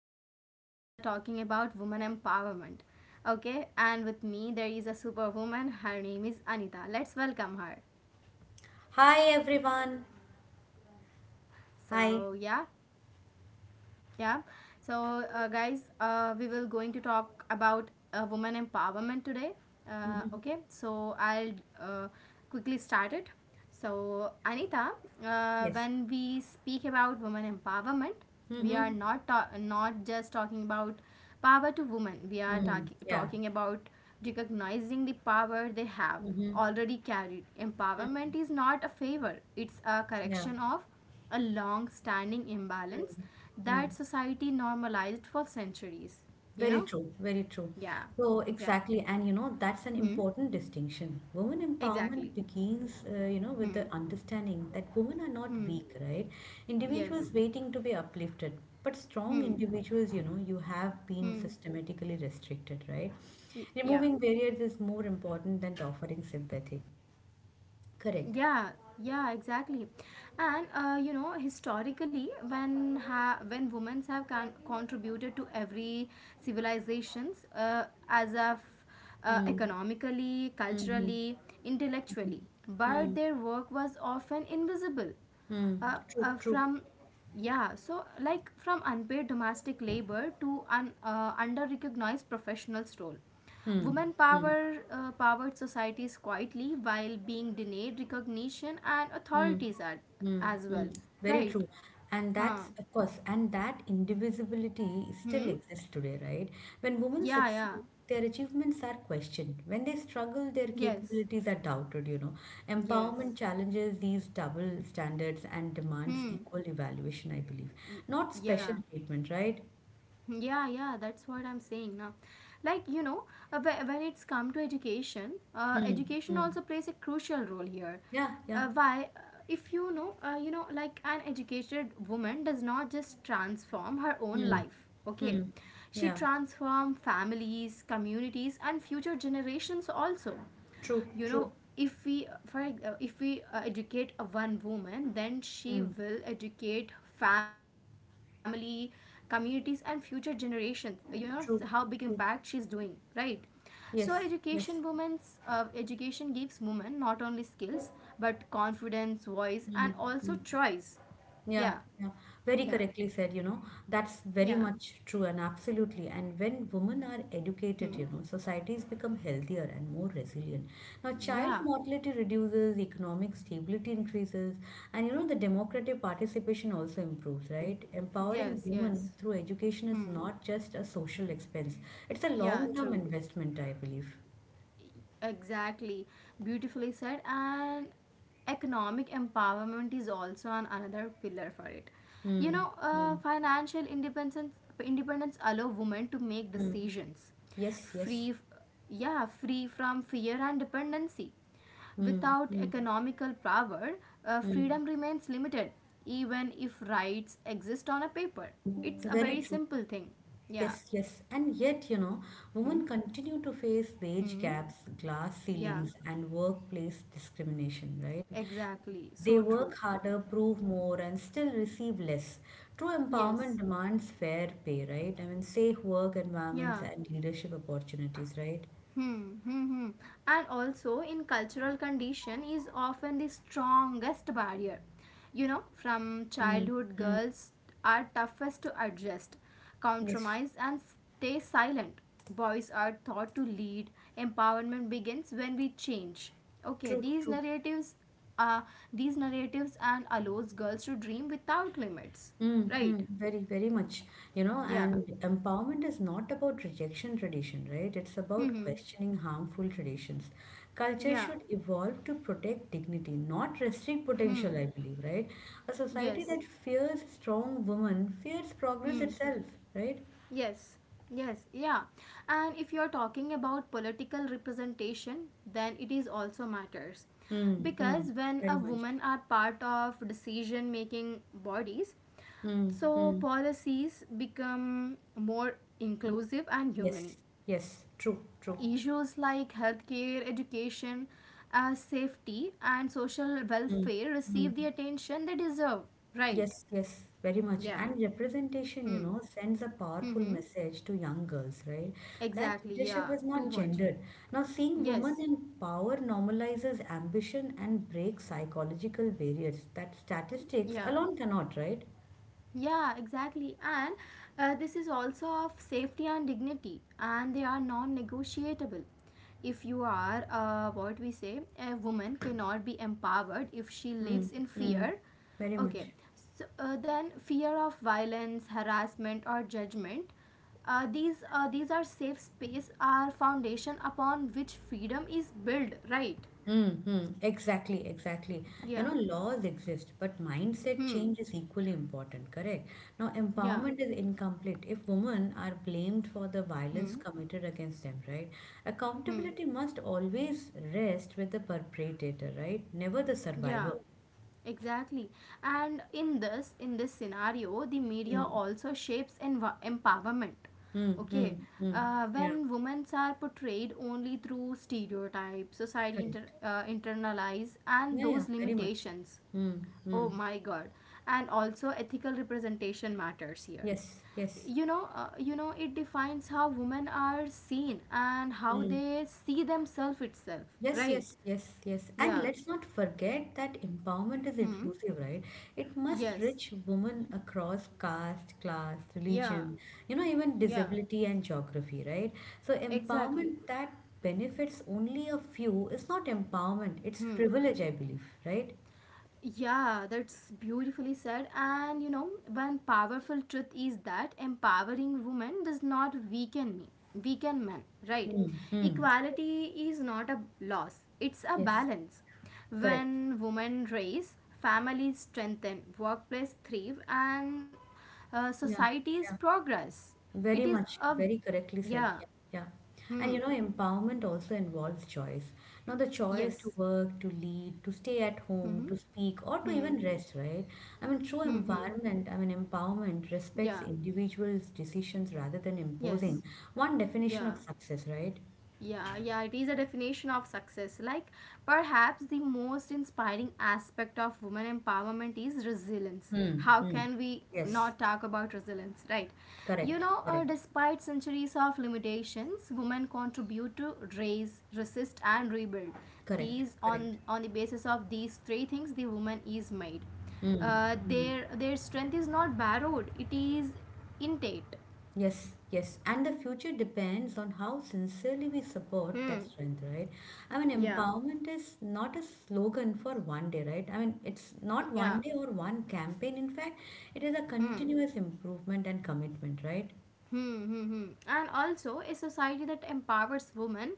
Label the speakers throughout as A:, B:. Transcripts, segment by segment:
A: where we are talking about woman empowerment. Okay, and with me, there is a superwoman. Her name is Anita. Let's welcome her.
B: Hi everyone. Hi.
A: So, yeah. yeah so guys, we will going to talk about women empowerment today.
B: Mm-hmm.
A: Okay, so I'll uh, quickly start it. So Anita,
B: Yes.
A: when we speak about women empowerment, we are
B: Mm-hmm.
A: not just talking about power to women, we are
B: Mm. Yeah.
A: talking about recognizing the power they have
B: Mm-hmm.
A: already carried. Empowerment is not a favor, it's a
B: Yeah.
A: correction of a long standing
B: Mm.
A: imbalance
B: Mm.
A: that society normalized for centuries. You
B: Very
A: know?
B: true. Very true.
A: Yeah.
B: So
A: Yeah.
B: exactly, and you know that's an
A: Hmm.
B: important distinction. Women
A: Exactly.
B: empowerment begins, you know, with the
A: Hmm.
B: understanding that women are not
A: Hmm.
B: weak, right? Individuals
A: Yes.
B: waiting to be uplifted, but strong
A: Hmm.
B: individuals, you know, you have been
A: Hmm.
B: systematically restricted, right?
A: Yeah.
B: Removing barriers is more important than offering sympathy. Correct.
A: Yeah, yeah, exactly. And you know, historically when women have contributed to every civilizations, as of economically,
B: Mhm.
A: culturally, intellectually, but
B: Mm,
A: their work was often invisible.
B: mm,
A: From yeah so like From unpaid domestic labor to under recognized professionals role,
B: mm,
A: women
B: mm,
A: powered societies quietly while being denied recognition and
B: mm,
A: authorities, are,
B: mm,
A: as well,
B: mm. Very
A: right?
B: true. And
A: Huh.
B: that's, of course, and that indivisibility still
A: Hmm.
B: exists today, right? When women
A: Yeah. Yeah.
B: succeed, their achievements are questioned. When they struggle, their
A: Yes.
B: capabilities are doubted.
A: Yes.
B: Empowerment challenges these double standards and demands
A: Hmm.
B: equal evaluation, I believe. Not
A: Yeah.
B: special treatment, right?
A: Yeah, yeah, that's what I'm saying now. Like, you know, when it's come to education,
B: Mm,
A: education
B: mm.
A: also plays a crucial role here.
B: Yeah, yeah.
A: Why? If you know, like an educated woman does not just transform her own
B: Mm,
A: life, okay?
B: mm.
A: She
B: Yeah,
A: transforms families, communities, and future generations also.
B: true,
A: You
B: true.
A: know, if we if we educate a one woman, then she
B: Hmm.
A: will educate family, communities, and future generations. You know, how big
B: True,
A: impact she's
B: true.
A: doing, right? So
B: Yes,
A: education,
B: yes.
A: women's education gives women not only skills but confidence, voice, and
B: Mm.
A: also choice. Yeah.
B: Yeah, yeah. Very
A: Yeah.
B: correctly said. That's very
A: Yeah.
B: much true and absolutely. And when women are educated,
A: Hmm.
B: societies become healthier and more resilient. Now, child
A: Yeah.
B: mortality reduces, economic stability increases, and the democratic participation also improves,
A: Hmm.
B: right? Empowering
A: Yes,
B: women
A: yes.
B: through education is
A: Hmm.
B: not just a social expense, it's a
A: Yeah,
B: long-term
A: true.
B: investment, I believe.
A: Exactly, beautifully said. And economic empowerment is also an another pillar for it. You
B: Mm,
A: know,
B: mm,
A: financial independence allow women to make
B: mm.
A: decisions,
B: Yes, yes.
A: free, yeah, free from fear and dependency.
B: Mm,
A: Without
B: mm.
A: economical power,
B: Mm,
A: freedom remains limited, even if rights exist on a paper. It's a
B: very
A: very
B: true.
A: simple thing. Yeah.
B: Yes, yes. And yet,
A: Hmm.
B: women continue to face wage
A: Hmm.
B: gaps, glass
A: Yeah.
B: ceilings, and workplace discrimination, right?
A: Exactly.
B: They
A: So true.
B: work harder, prove more, and still receive less. True empowerment
A: Yes.
B: demands fair pay, right? I mean, safe work environments
A: Yeah.
B: and leadership opportunities, right?
A: Hmm, hmm, hmm. And also, in cultural condition is often the strongest barrier. You know, from
B: Mm,
A: childhood,
B: mm,
A: girls are toughest to adjust,
B: yes,
A: compromise, and stay silent. Boys are taught to lead. Empowerment begins when we change. Okay,
B: true,
A: these
B: true.
A: narratives, uh, and allows girls to dream without limits.
B: Mm-hmm,
A: Right?
B: very, very much,
A: Yeah.
B: and empowerment is not about rejection tradition, right? It's
A: Hmm.
B: about
A: Hmm.
B: questioning harmful traditions. Culture
A: Yeah.
B: should evolve to protect dignity, not restrict potential,
A: Hmm.
B: I believe, right? A society
A: Yes.
B: that fears strong women fears progress
A: Hmm.
B: itself, right?
A: Yes, yes, yeah. And if you're talking about political representation, then it is also matters.
B: Mm-hmm,
A: Because when a
B: very much.
A: woman are part of decision making bodies, so
B: Mm-hmm.
A: policies become more inclusive and
B: Yes,
A: human.
B: yes, true, true.
A: Issues like healthcare, education, safety, and social welfare receive the
B: Mm-hmm.
A: attention they deserve. Right?
B: Yes, yes, very much.
A: Yeah.
B: And representation,
A: Hmm.
B: sends a powerful
A: Hmm.
B: message to young girls, right? That
A: Exactly.
B: leadership
A: Yeah.
B: is
A: Too
B: not
A: much.
B: gendered. Now, seeing women
A: Yes.
B: in power normalizes ambition and breaks psychological barriers that statistics
A: Yeah,
B: alone cannot, right?
A: yeah, exactly. And this is also of safety and dignity, and they are non negotiable. If you are, what we say, a woman cannot be empowered if she
B: Hmm,
A: lives in
B: hmm,
A: fear.
B: very
A: Okay,
B: much.
A: so then fear of violence, harassment, or judgment. These are safe space are foundation upon which freedom is built, right?
B: Mm-hmm. Exactly, exactly. You
A: Yeah.
B: know, laws exist, but mindset
A: Hmm.
B: change is equally important, correct? Now,
A: Yeah.
B: empowerment is incomplete if women are blamed for the violence committed against them, right?
A: Hmm.
B: Accountability must always rest with the perpetrator, right? Never the
A: Yeah.
B: survivor.
A: Exactly. And in this scenario, the media
B: Mm,
A: also shapes empowerment.
B: mm, mm,
A: Okay.
B: mm. Yeah,
A: When women are portrayed only through stereotypes, society
B: correct.
A: internalize and
B: Yeah, yeah,
A: those
B: very much.
A: limitations.
B: Mm,
A: Oh
B: mm.
A: my god. And also ethical representation matters here.
B: Yes, yes.
A: You know, it defines how women are seen and how they see themselves itself,
B: Yes,
A: right?
B: yes, yes, yes. And
A: Yeah.
B: let's not forget that empowerment is
A: Hmm.
B: inclusive, right? It must
A: Yes.
B: reach women across caste, class,
A: Yeah.
B: religion, even
A: Yeah.
B: disability and geography, right? So
A: Exactly.
B: empowerment that benefits only a few is not empowerment, it's privilege, I believe, right?
A: Yeah, that's beautifully said. And you know, one powerful truth is that empowering women does not weaken men, right?
B: Hmm.
A: Equality is not a loss, it's a
B: Yes,
A: balance.
B: correct.
A: When women raise, families strengthen, workplace thrive, and
B: Yeah,
A: societies
B: yeah.
A: progress.
B: Very
A: It is
B: much,
A: a
B: very correctly said.
A: yeah.
B: Yeah, yeah. And you
A: Hmm.
B: know, empowerment also involves choice. Now, the choice to
A: Yes.
B: work, to lead, to stay at home,
A: Hmm.
B: to speak, or to
A: Hmm.
B: even rest, right? I mean, true
A: Hmm. Hmm.
B: environment, I mean, empowerment respects
A: Yeah.
B: individuals' decisions rather than imposing
A: Yes.
B: one definition of
A: Yeah.
B: success, right?
A: Yeah, yeah, it is a definition of success. Like, perhaps the most inspiring aspect of women empowerment is resilience.
B: Hmm.
A: How
B: Hmm.
A: can we
B: Yes.
A: not talk about resilience, right? You
B: Correct.
A: know,
B: Correct.
A: despite centuries of limitations, women contribute to raise, resist, and rebuild.
B: Correct.
A: These
B: Correct.
A: on the basis of these three things, the woman is made.
B: Hmm.
A: Their strength is not borrowed; it is innate.
B: Yes, yes. And the future depends on how sincerely we support that
A: Hmm.
B: strength, right? I mean,
A: Yeah.
B: empowerment is not a slogan for one day, right? I mean, it's not one
A: Yeah.
B: day or one campaign. In fact, it is a
A: Hmm.
B: continuous improvement and commitment, right?
A: Hmm, hmm, hmm. And also, a society that empowers women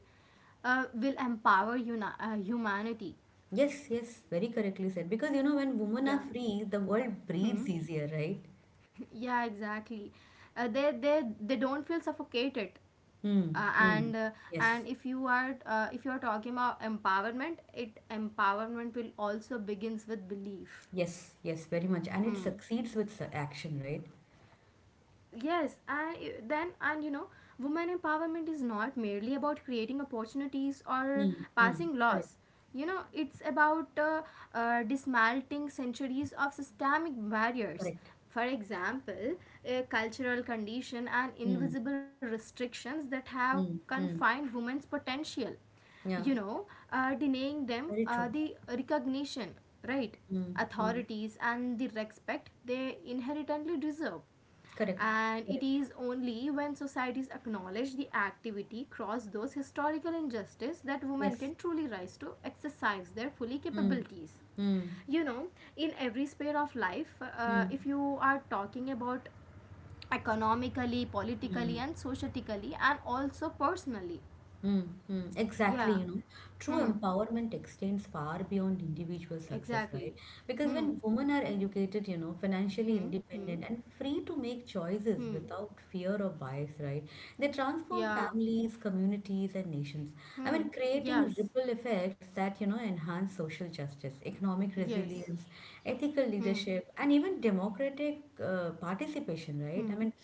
A: will empower humanity.
B: Yes, yes. Very correctly said. Because, when women are
A: Yeah.
B: free, the world breathes
A: Hmm.
B: easier, right?
A: Yeah, exactly. They don't feel suffocated.
B: Hmm.
A: Uh,
B: Hmm.
A: and uh,
B: Yes,
A: and if you are, if you are talking about empowerment, it empowerment will also begins with belief.
B: yes, yes. Very much. And it
A: Hmm.
B: succeeds with action, right?
A: Yes, and then and you know, women empowerment is not merely about creating opportunities or
B: Hmm. Hmm.
A: passing
B: Correct,
A: laws. You know, it's about dismantling centuries of systemic barriers.
B: correct.
A: For example, cultural condition and
B: Hmm.
A: invisible restrictions that have
B: Hmm. Hmm.
A: confined women's potential. You
B: Yeah.
A: know, denying them
B: Very true.
A: the recognition, right,
B: Mm, mm.
A: authorities, and the respect they inherently deserve.
B: Correct.
A: And it
B: Correct.
A: is only when societies acknowledge the activity across those historical injustices that women
B: Yes.
A: can truly rise to exercise their fully
B: Mm,
A: capabilities.
B: mm,
A: You know, in every sphere of life,
B: mm.
A: if you are talking about economically, politically, and societically, and also personally.
B: Mm, mm, exactly,
A: Yeah.
B: true
A: Hmm.
B: empowerment extends far beyond individual success, right?
A: Exactly.
B: Because
A: Hmm.
B: when women are educated, financially
A: Hmm. Hmm.
B: independent and free to make choices
A: Hmm.
B: without fear or bias, right? They transform
A: Yeah.
B: families, communities, and nations. I
A: Hmm.
B: mean, creating
A: Yes.
B: ripple effects that, enhance social justice, economic
A: Yes.
B: resilience, ethical
A: Hmm.
B: leadership, and even democratic participation, right? I
A: Hmm.
B: mean,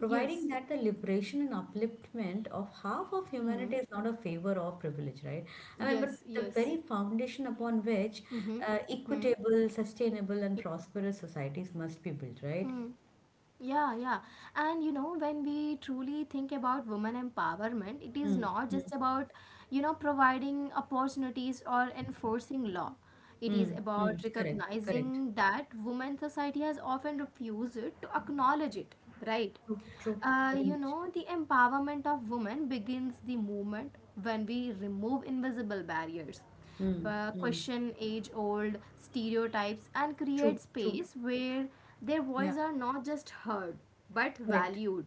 B: providing that the liberation and upliftment of half of
A: Hmm.
B: humanity is not a favor or privilege, right? I mean, but
A: Yes,
B: the
A: yes.
B: very foundation upon which
A: Mm-hmm. Hmm.
B: equitable, sustainable, and
A: Yeah.
B: prosperous societies must be built, right?
A: Hmm. Yeah, yeah. And you know, when we truly think about women empowerment, it is
B: Mm,
A: not
B: mm,
A: just about, you know, providing opportunities or enforcing law. It is
B: mm, mm.
A: about
B: Correct, correct.
A: recognizing that women society has often refused to acknowledge it, right?
B: True, true, very
A: You
B: much.
A: know, the empowerment of women begins the moment when we remove invisible barriers,
B: Mm, mm.
A: question age old stereotypes, and
B: True,
A: create
B: true.
A: space where their
B: Yeah.
A: voices are not just heard but
B: Correct.
A: valued.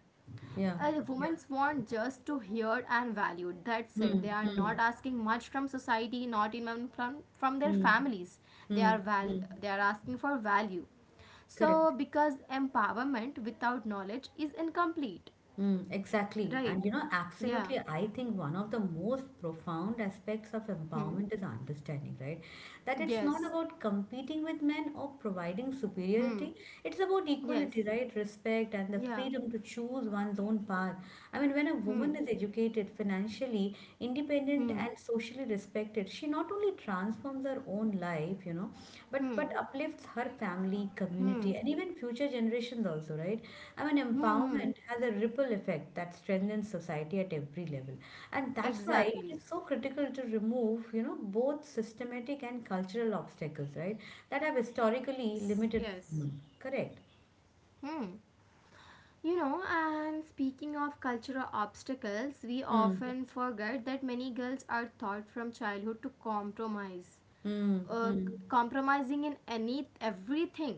B: Yeah, yeah.
A: Women's want just to hear and valued. That's it. They
B: Mm,
A: are not
B: mm,
A: asking much from society, not even from their
B: mm,
A: families. They
B: mm,
A: are
B: mm.
A: they are asking for value. So,
B: Correct.
A: because empowerment without knowledge is incomplete,
B: Mm, exactly. And
A: right? Yeah.
B: absolutely, I think one of the most profound aspects of
A: Hmm.
B: empowerment is understanding, right? That it's not
A: Yes.
B: about competing with men or providing
A: Hmm.
B: superiority. It's about
A: Yes.
B: equality, right? Respect and the
A: Yeah.
B: freedom to choose one's own path. I mean, when a woman
A: Hmm.
B: is educated, financially independent,
A: Hmm.
B: and socially respected, she not only transforms her own life, but
A: Hmm.
B: uplifts affects her family, community,
A: Hmm.
B: and even future generations also, right? I mean,
A: Hmm. Hmm.
B: empowerment has a ripple effect that strengthens society at every level. And that's why it
A: Exactly.
B: is so critical to remove, both systematic and cultural obstacles, right? That have historically
A: Yes.
B: limited
A: Yes.
B: women. Correct.
A: Hmm. You know, and speaking of cultural obstacles, we
B: Hmm.
A: often forget that many girls are taught from childhood to compromise,
B: Hmm.
A: uh,
B: Hmm.
A: compromising in any everything.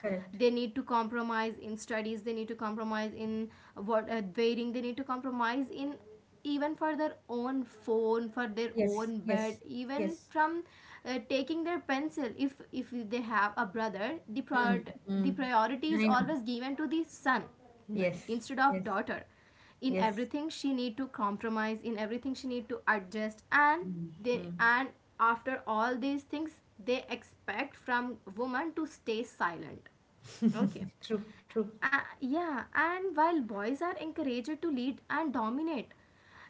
B: Correct.
A: They need to compromise in studies, they need to compromise in what, dating, they need to compromise in even for their own phone, for their
B: Yes.
A: own bed,
B: Yes.
A: even
B: Yes.
A: from taking their pencil. If they have a brother,
B: Hmm.
A: the
B: Hmm.
A: priority is
B: I know.
A: always given to the son
B: Yes.
A: instead of
B: Yes.
A: daughter. In
B: Yes.
A: everything she need to compromise, in everything she need to adjust. And
B: Mm.
A: they
B: Mm.
A: and after all these things, they expect from woman to stay silent. Okay.
B: True. True.
A: Yeah, and while boys are encouraged to lead and dominate,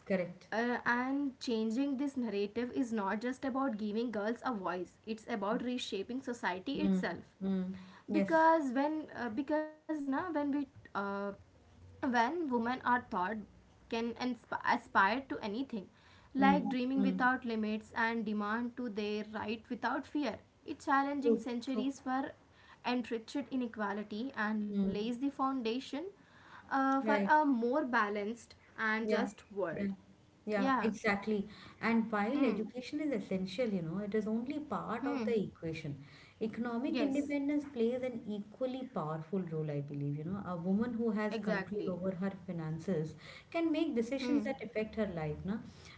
B: Correct.
A: and changing this narrative is not just about giving girls a voice, it's about reshaping society
B: Mm,
A: itself.
B: mm, yes.
A: Because when because now when we uh, when women are taught can aspire to anything, like
B: Mm,
A: dreaming
B: mm,
A: without limits and demand to their right without fear. It challenging centuries for enriched inequality and
B: mm.
A: lays the foundation for
B: Right.
A: a more balanced and
B: Yeah.
A: just
B: Yeah.
A: world.
B: Yeah,
A: Yeah,
B: exactly. And while education is essential, it is only part of the equation. Economic
A: yes,
B: independence plays an equally powerful role, I believe. A woman who has control
A: exactly.
B: over her finances can make decisions that affect her life, na?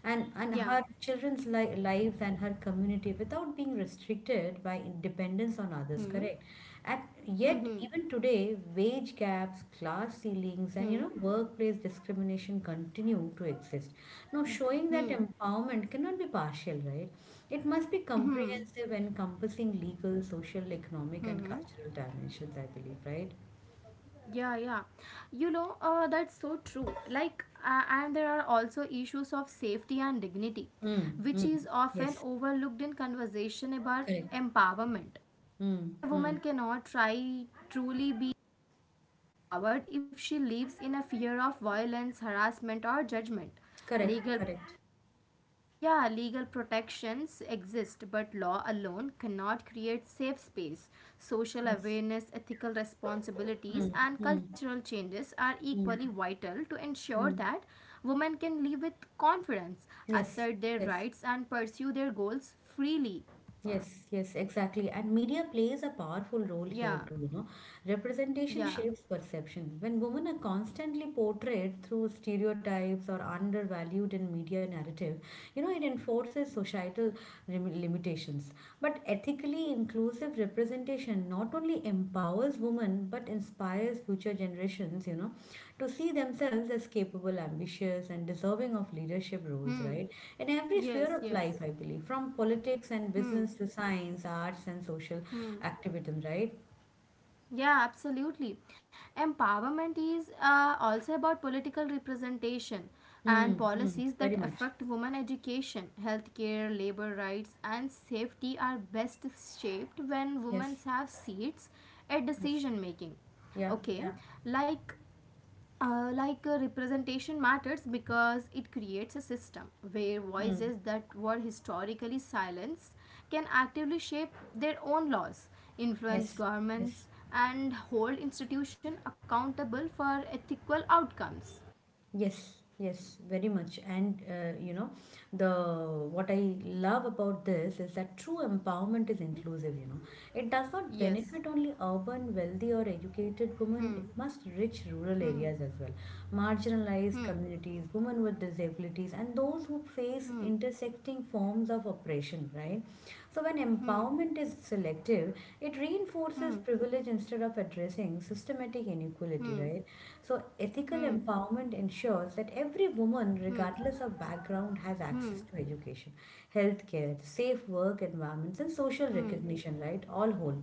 B: And
A: Yeah,
B: her children's li lives and her community without being restricted by dependence on others, correct? And yet, even today, wage gaps, class ceilings, and workplace discrimination continue to exist. Now, showing that empowerment cannot be partial, right? It must be comprehensive, encompassing legal, social, economic, and cultural dimensions, I believe, right?
A: yeah, yeah. You know, that's so true. Like, and there are also issues of safety and dignity,
B: Mm,
A: which
B: mm,
A: is often
B: yes,
A: overlooked in conversation about
B: correct.
A: empowerment.
B: Mm,
A: A
B: mm,
A: woman cannot try truly be empowered if she lives in a fear of violence, harassment, or judgment. Legal
B: correct, correct.
A: yeah, legal protections exist, but law alone cannot create safe space. Social
B: Yes.
A: awareness, ethical responsibilities,
B: Mm,
A: and
B: mm,
A: cultural changes are equally
B: mm,
A: vital to ensure
B: mm.
A: that women can live with confidence,
B: Yes,
A: assert their
B: yes.
A: rights, and pursue their goals freely.
B: Yes, yes, exactly. And media plays a powerful role here too,
A: Yeah,
B: you know. Representation
A: yeah.
B: shapes perception. When women are constantly portrayed through stereotypes or undervalued in media narrative, it enforces societal limitations. But ethically inclusive representation not only empowers women but inspires future generations, to see themselves as capable, ambitious, and deserving of leadership roles,
A: Hmm.
B: right? In every sphere
A: Yes,
B: of life,
A: yes.
B: I believe, from politics and business to science, arts, and social activism, right?
A: Yeah, absolutely. Empowerment is also about political representation,
B: Hmm,
A: and
B: hmm.
A: policies
B: Very
A: that
B: much.
A: affect women education, healthcare, labor rights, and safety are best shaped when women
B: Yes.
A: have seats at
B: Yes.
A: decision making.
B: Yeah.
A: Okay,
B: Yeah.
A: like, representation matters because it creates a system where
B: Hmm.
A: voices that were historically silenced can actively shape their own laws, influence
B: Yes. Yes.
A: governments, and hold institutions accountable for ethical outcomes.
B: Yes, yes, very much. And you know, the what I love about this is that true empowerment is
A: Hmm?
B: inclusive. It does not
A: Yes.
B: benefit only urban, wealthy, or educated women, it must reach rural areas as well. Marginalized communities, women with disabilities, and those who face intersecting forms of oppression, right? So, when empowerment is selective, it reinforces privilege instead of addressing systematic inequality, right? So, ethical empowerment ensures that every woman, regardless of background, has access to education, healthcare, safe work environments, and social recognition, right? All whole.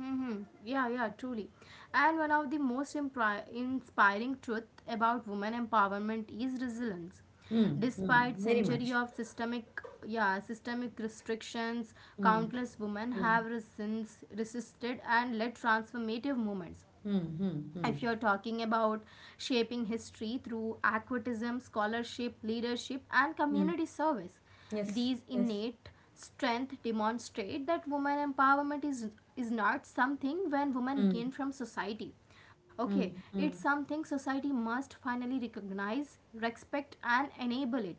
A: Mm-hmm. Yeah, yeah, truly. And one of the most inspiring truth about women empowerment is resilience.
B: Mm, mm,
A: Despite
B: very
A: century
B: much.
A: of systemic, yeah, systemic restrictions,
B: Mm,
A: countless women
B: mm,
A: have since resisted and led transformative movements.
B: mm, mm,
A: If
B: mm,
A: you're talking about shaping history through activism, scholarship, leadership, and
B: mm.
A: community service,
B: Yes,
A: these
B: yes.
A: innate strength demonstrate that women empowerment is not something when women
B: Mm,
A: gain from society. Okay,
B: mm,
A: it's
B: mm.
A: something society must finally recognize, respect, and enable it.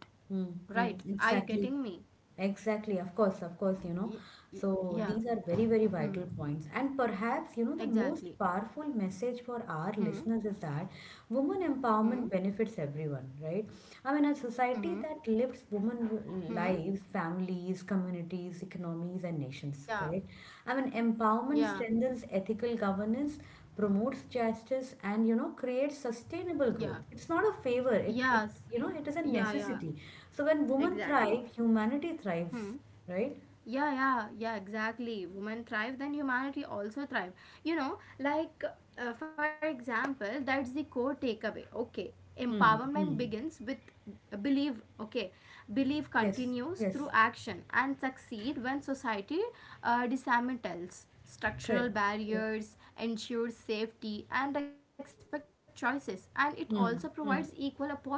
A: Right?
B: Mm-hmm.
A: Are you
B: Exactly.
A: getting me?
B: Exactly. Of course, of course.
A: Y- y-
B: So
A: yeah,
B: these are very, very vital points. And perhaps, the most
A: exactly.
B: powerful message for our
A: Hmm.
B: listeners is that women
A: Hmm.
B: empowerment benefits everyone, right? I mean, a
A: Hmm.
B: society that lifts women
A: Hmm. Hmm.
B: lives, families, communities, economies, and nations,
A: Yeah.
B: correct? I mean, empowerment
A: Yeah.
B: strengthens ethical governance, promotes justice, and creates sustainable
A: Yeah.
B: growth. It's not a favor. it,
A: Yes.
B: it you know it is a
A: Yeah, yeah.
B: necessity. So when women
A: Exactly.
B: thrive, humanity
A: Hmm,
B: thrives, right?
A: yeah, yeah, yeah, exactly. Women thrive then humanity also thrive, you know like for example. That's the core takeaway. Okay,
B: Hmm.
A: empowerment
B: Hmm.
A: begins with belief. Okay, belief
B: Yes,
A: continues through
B: yes.
A: action and succeed when society dismantles structural
B: Correct, correct.
A: barriers, ensures safety and respect choices, and it also provides
B: Hmm.
A: equal
B: Hmm.
A: opportunity.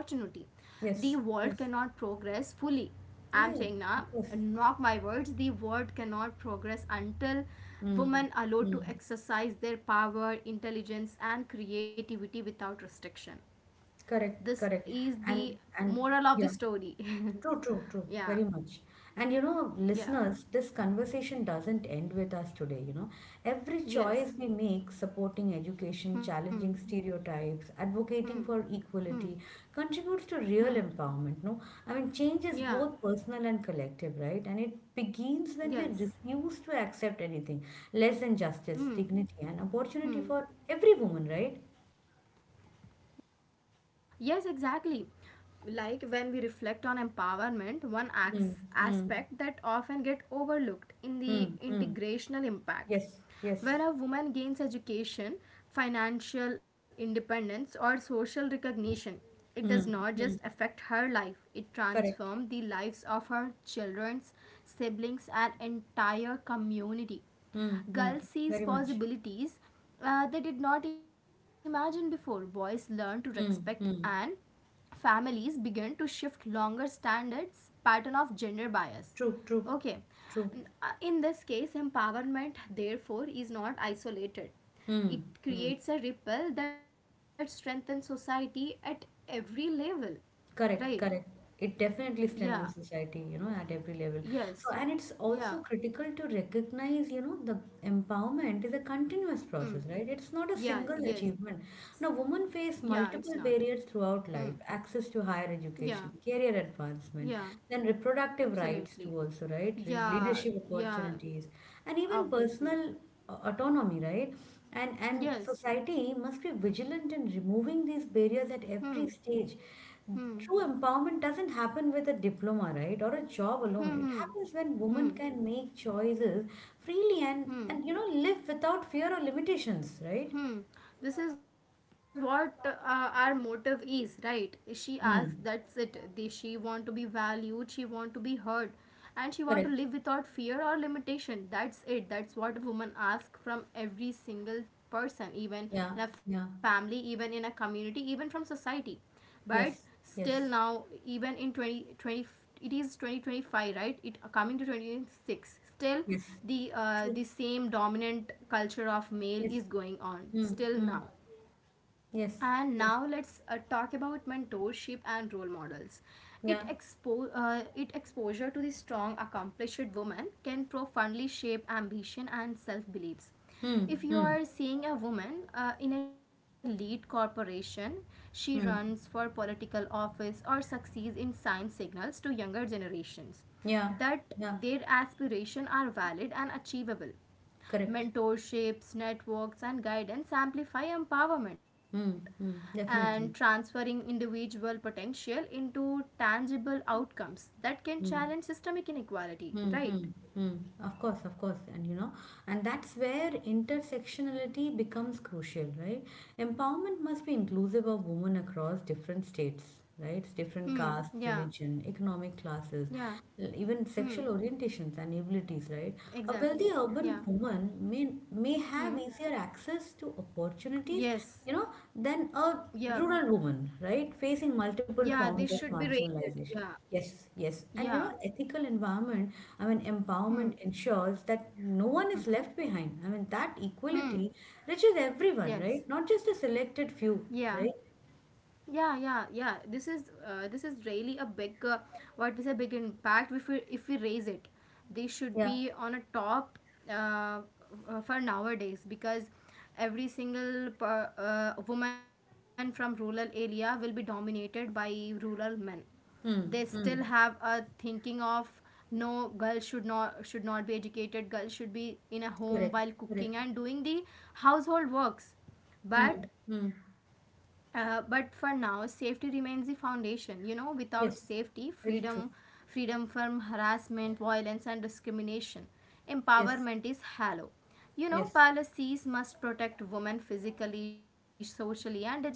A: The
B: Yes,
A: world
B: yes.
A: cannot progress fully. I'm
B: Yeah, yeah.
A: saying now,
B: Of course.
A: not my words, the world cannot progress until
B: Hmm.
A: women are
B: Hmm.
A: allowed to exercise their power, intelligence, and creativity without restriction.
B: Correct,
A: This
B: correct.
A: is the
B: And
A: moral of the
B: yeah.
A: story.
B: True, true, true,
A: Yeah,
B: very much. And you know,
A: yeah,
B: listeners, this conversation doesn't end with us today. Every choice
A: yes.
B: we make, supporting education,
A: Hmm.
B: challenging stereotypes, advocating for equality, contributes to
A: Hmm.
B: real empowerment. No, I mean, change is
A: Yeah,
B: both personal and collective, right? And it begins when we
A: yes.
B: refuse to accept anything less than justice,
A: Hmm.
B: dignity, and opportunity for every woman, right?
A: Yes, exactly. Like when we reflect on empowerment, one
B: Mm,
A: acts
B: mm,
A: aspect that often get overlooked in the
B: mm, mm.
A: integrational impact.
B: Yes, yes.
A: When a woman gains education, financial independence, or social recognition, it does
B: Mm,
A: not just
B: mm.
A: affect her life, it
B: Correct.
A: transforms the lives of her children's siblings and entire community.
B: Mm, mm,
A: Girls sees
B: very much.
A: possibilities they did not imagine before. Boys learn to respect,
B: Mm,
A: and
B: mm.
A: families begin to shift longer standards pattern of gender bias.
B: True, true,
A: Okay.
B: true.
A: In this case, empowerment therefore is not isolated.
B: Mm,
A: It
B: mm.
A: creates a ripple that strengthens society at every level, right?
B: Correct, correct. It definitely
A: Yeah,
B: strengthens society, at every level. So,
A: yes,
B: and it's also
A: yeah,
B: critical to recognize, the empowerment is a continuous process, right?
A: hmm,
B: It's not a single
A: yeah,
B: achievement.
A: yes,
B: Now, women face
A: yeah, it's
B: multiple
A: not.
B: barriers throughout
A: Hmm,
B: life, access to higher education,
A: yeah,
B: career advancement, then
A: yeah.
B: reproductive rights too also,
A: Absolutely.
B: right? Leadership
A: Yeah,
B: opportunities,
A: yeah,
B: and even personal
A: obviously.
B: autonomy, right? And society
A: Yes.
B: must be vigilant in removing these barriers at every stage.
A: Hmm,
B: True
A: hmm,
B: empowerment doesn't happen with a diploma, right, or a job alone. It happens
A: hmm,
B: when
A: hmm,
B: women can make
A: hmm,
B: choices freely and, live
A: hmm,
B: without fear or limitations, right?
A: hmm. This is what our motive is, right? She
B: Hmm.
A: asks, that's it. She want to be valued, she want to be heard, and she want
B: Correct.
A: to live without fear or limitation. That's it. That's what a woman asks from every single person, even
B: Yeah,
A: in a
B: yeah.
A: family, even in a community, even from society. But
B: Yes,
A: still
B: yes,
A: now, even in 2020, it is 2025, right? It coming to 2026. Still
B: yes. True.
A: the same dominant culture of male
B: Yes.
A: is going on
B: Hmm.
A: still
B: Hmm.
A: now. And
B: Yes.
A: now let's
B: Yes.
A: talk about mentorship and role models. It
B: Yeah.
A: expo- uh, it exposure to the strong, accomplished woman can profoundly shape ambition and self beliefs.
B: Hmm.
A: If you
B: Hmm.
A: are seeing a woman in a lead corporation, she runs for
B: Hmm.
A: political office or succeeds in science, signals to younger generations
B: Yeah.
A: that their
B: Yeah.
A: aspirations are valid and achievable.
B: Correct.
A: Mentorships, networks, and guidance amplify empowerment
B: Hmm. Hmm.
A: and
B: Definitely.
A: transferring individual potential into tangible outcomes that can challenge
B: Hmm.
A: systemic inequality, right?
B: Hmm, hmm, hmm. Of course, and that's where intersectionality becomes crucial, right? Empowerment must be inclusive of women across different states, right? Different
A: Hmm,
B: castes,
A: yeah,
B: religion, economic classes,
A: yeah,
B: even
A: hmm,
B: sexual orientations and abilities, right? A
A: exactly,
B: wealthy
A: yeah.
B: urban woman may have
A: Hmm.
B: easier access to opportunities,
A: Yes.
B: you know, than
A: Yeah.
B: a rural woman, right? Facing
A: Yeah. This
B: multiple
A: should be
B: forms of
A: raised. Yeah.
B: marginalization. Yes, yes. And
A: Yeah.
B: ethical environment, I mean,
A: Hmm.
B: empowerment ensures that no one is left behind. I mean, that equality
A: Hmm.
B: reaches everyone,
A: Yes.
B: right? Not just a selected
A: Yeah.
B: few, right?
A: Yeah, yeah, yeah, this is really a big what we say big impact. If we raise it, they should
B: Yeah.
A: be on a top. uh, for nowadays, because every single woman from rural area will be dominated by rural men. They
B: Hmm.
A: still have
B: Hmm.
A: a thinking of no, girl should not be educated, girl should be in a home
B: Correct.
A: while
B: Correct.
A: cooking and doing the household works.
B: Hmm.
A: But
B: Hmm.
A: but for now, safety remains the foundation. You know, without safety,
B: Yes.
A: freedom,
B: Very true.
A: freedom from harassment, violence, and discrimination,
B: Yes.
A: empowerment is hollow. You know,
B: Yes.
A: policies must protect women physically, socially, and digitally.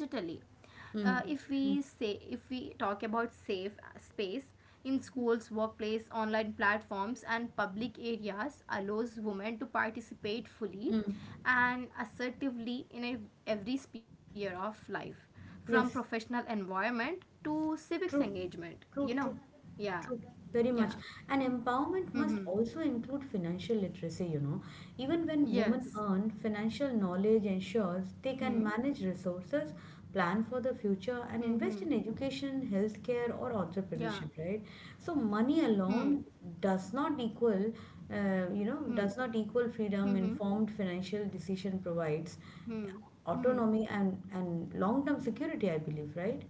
A: If
B: Hmm.
A: we say, if we talk about safe space in schools, workplace, online platforms, and public areas, allows women to participate fully
B: Hmm.
A: and assertively in every sphere of life, from
B: Yes.
A: professional environment to civics
B: True,
A: engagement, you
B: true,
A: know.
B: true,
A: Yeah,
B: true, very
A: yeah,
B: much. And empowerment must
A: hmm,
B: also include financial literacy. Even when women
A: yes,
B: earn, financial knowledge ensures they can
A: hmm,
B: manage resources, plan for the
A: hmm,
B: future, and invest in education, healthcare, or
A: yeah,
B: entrepreneurship, right? So money
A: hmm, hmm.
B: alone does not equal, does not equal freedom.
A: Mm-hmm.
B: Informed financial decision provides
A: Hmm, hmm.
B: autonomy and long-term security, I believe, right?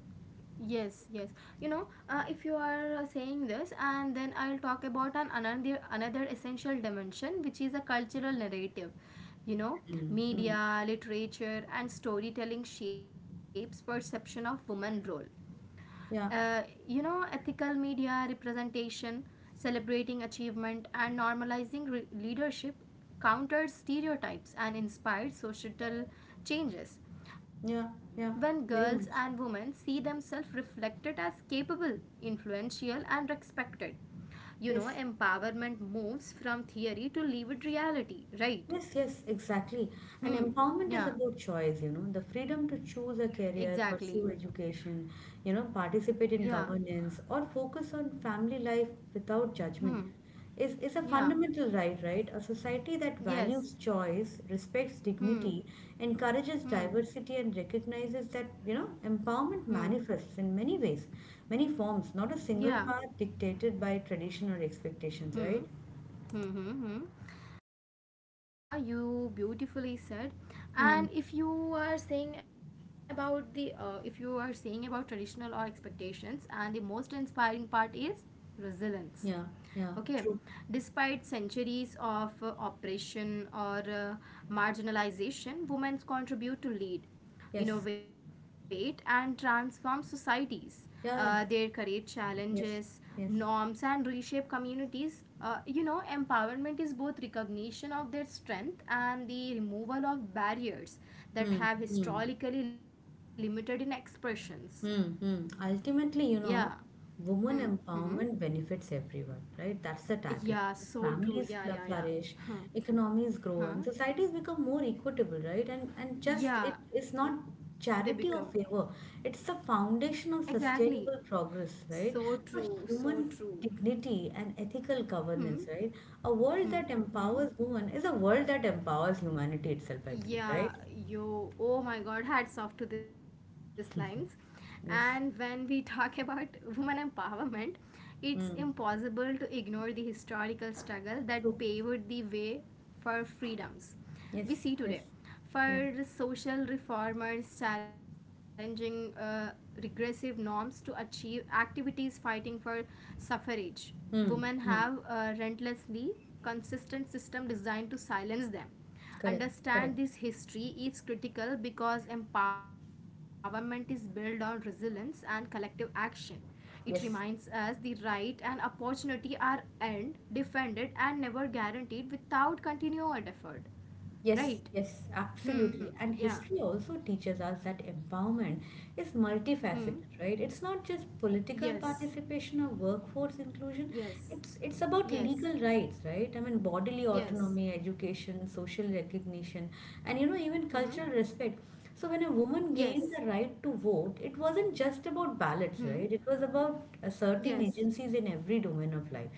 A: Yes, yes. You know, if you are saying this, and then I'll talk about an another essential dimension, which is a cultural narrative. You know,
B: Mm, mm.
A: media, literature, and storytelling shapes perception of woman role.
B: Yeah,
A: You know, ethical media representation, celebrating achievement, and normalizing leadership countered stereotypes and inspired societal changes. When
B: yeah,
A: girls
B: yeah,
A: and women
B: very
A: see
B: much.
A: themselves reflected as capable, influential, and respected, you know,
B: Yes.
A: empowerment moves from theory to livid reality, right?
B: Yes, yes, exactly. And
A: Hmm.
B: empowerment is
A: Yeah,
B: about choice, the freedom to choose a
A: exactly.
B: career, pursue education,
A: Yeah.
B: participate in governance, or focus on family life without judgment
A: Hmm.
B: is a
A: Yeah.
B: fundamental right, right? A society that
A: Yes.
B: values choice, respects
A: Hmm.
B: dignity, encourages
A: Hmm.
B: diversity, and recognizes that,
A: Hmm.
B: empowerment manifests in many ways, many forms, not a
A: Yeah.
B: single path dictated by tradition or expectations,
A: Hmm.
B: right?
A: Hmm. Hmm. Hmm. Yeah, you beautifully said.
B: Hmm.
A: And if you are saying about traditional or expectations, and the most inspiring part is resilience.
B: Yeah,
A: Okay,
B: yeah.
A: despite centuries of oppression or marginalization, women contribute to lead,
B: Yes.
A: innovate, and transform societies. They
B: Yeah, yeah.
A: create challenges,
B: Yes,
A: norms,
B: yes.
A: and reshape communities. You know, empowerment is both recognition of their strength and the removal of barriers that
B: Hmm,
A: have
B: hmm,
A: historically limited in expressions.
B: hmm, hmm.
A: Yeah.
B: Ultimately,
A: Hmm.
B: woman
A: Hmm.
B: empowerment benefits everyone, right? That's the
A: Yeah.
B: tagline.
A: So true.
B: Families
A: Yeah. Yeah. Yeah.
B: flourish,
A: Huh.
B: economies grow,
A: Huh.
B: and societies become more equitable, right? And just it
A: Yeah.
B: is not
A: They become
B: charity or favor. It's the foundation of
A: exactly
B: sustainable progress,
A: so
B: right?
A: true.
B: So
A: So
B: human
A: true.
B: dignity and ethical
A: Hmm.
B: governance, right? A world
A: Hmm.
B: that
A: Hmm.
B: empowers women is a world that empowers humanity itself, I believe,
A: Yeah,
B: right?
A: yo, oh my god, hats off to these lines. And when we
B: Yes.
A: talk about women empowerment, it's
B: Mm.
A: impossible to ignore the historical struggle that
B: True.
A: paved the way for freedoms
B: Yes,
A: we see
B: yes,
A: today.
B: yeah.
A: For social reformers challenging regressive norms to achieve activities fighting for suffrage, women
B: Mm,
A: have
B: mm.
A: a relentlessly consistent system designed to silence them.
B: Correct,
A: Understand
B: correct.
A: this history is critical because empowerment is built on resilience and collective action. It reminds
B: Yes,
A: us the right and opportunity are earned, defended, and never guaranteed without continued effort.
B: yes,
A: Right?
B: yes,
A: Hmm.
B: absolutely. And
A: Yeah.
B: history also teaches us that empowerment is
A: Hmm.
B: multifaceted, right? It's not just
A: Yes.
B: political participation or workforce inclusion.
A: Yes.
B: It's
A: Yes.
B: about legal rights, right? I mean, bodily
A: Yes.
B: autonomy, education, social recognition, and even
A: Hmm.
B: cultural respect. So when a woman gained the
A: Yes.
B: right to vote, it wasn't just about
A: Hmm.
B: ballots, right? It was about
A: Yes.
B: asserting agencies in every domain of life.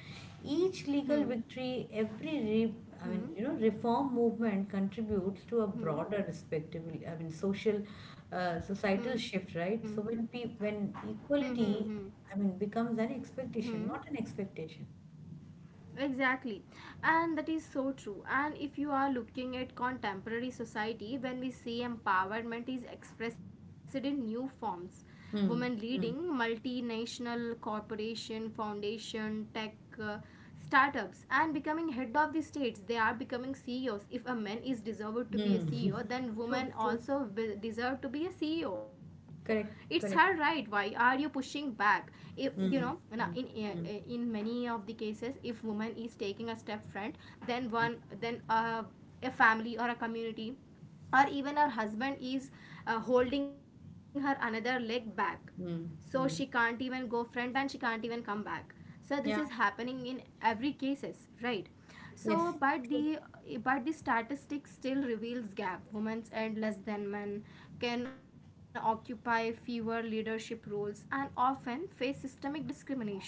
B: Each legal
A: Hmm.
B: victory, I mean,
A: Hmm.
B: reform movement contributes to a
A: Hmm.
B: broader respective I mean, social, societal
A: Hmm.
B: shift, right? So
A: Hmm.
B: when
A: Hmm. Hmm.
B: equality, I mean, becomes an expectation,
A: Hmm.
B: not an expectation.
A: Exactly, and that is so true. And if you are looking at contemporary society, when we say empowerment is expressed in new forms, women
B: Hmm.
A: leading
B: Hmm.
A: multinational corporation, foundation, tech uh, startups, and becoming head of the states. They are becoming CEOs. If a man is deserved to be a
B: Hmm.
A: CEO, then
B: True.
A: women
B: True.
A: deserve to be a CEO. It's her
B: Correct.
A: right, why
B: Correct.
A: are you pushing back? If you know,
B: Hmm. Hmm.
A: in
B: Hmm.
A: many of the cases, if woman is taking a step front, then one then a family or a community or even her husband is holding her another leg back, so she
B: Hmm.
A: can't
B: Hmm.
A: even go front and she can't even come back. So this is
B: Yeah,
A: happening in every cases, right? So
B: yes,
A: but the
B: true.
A: but the statistics still reveals gap. Women and less than men can occupy fewer leadership roles and often face systemic discrimination.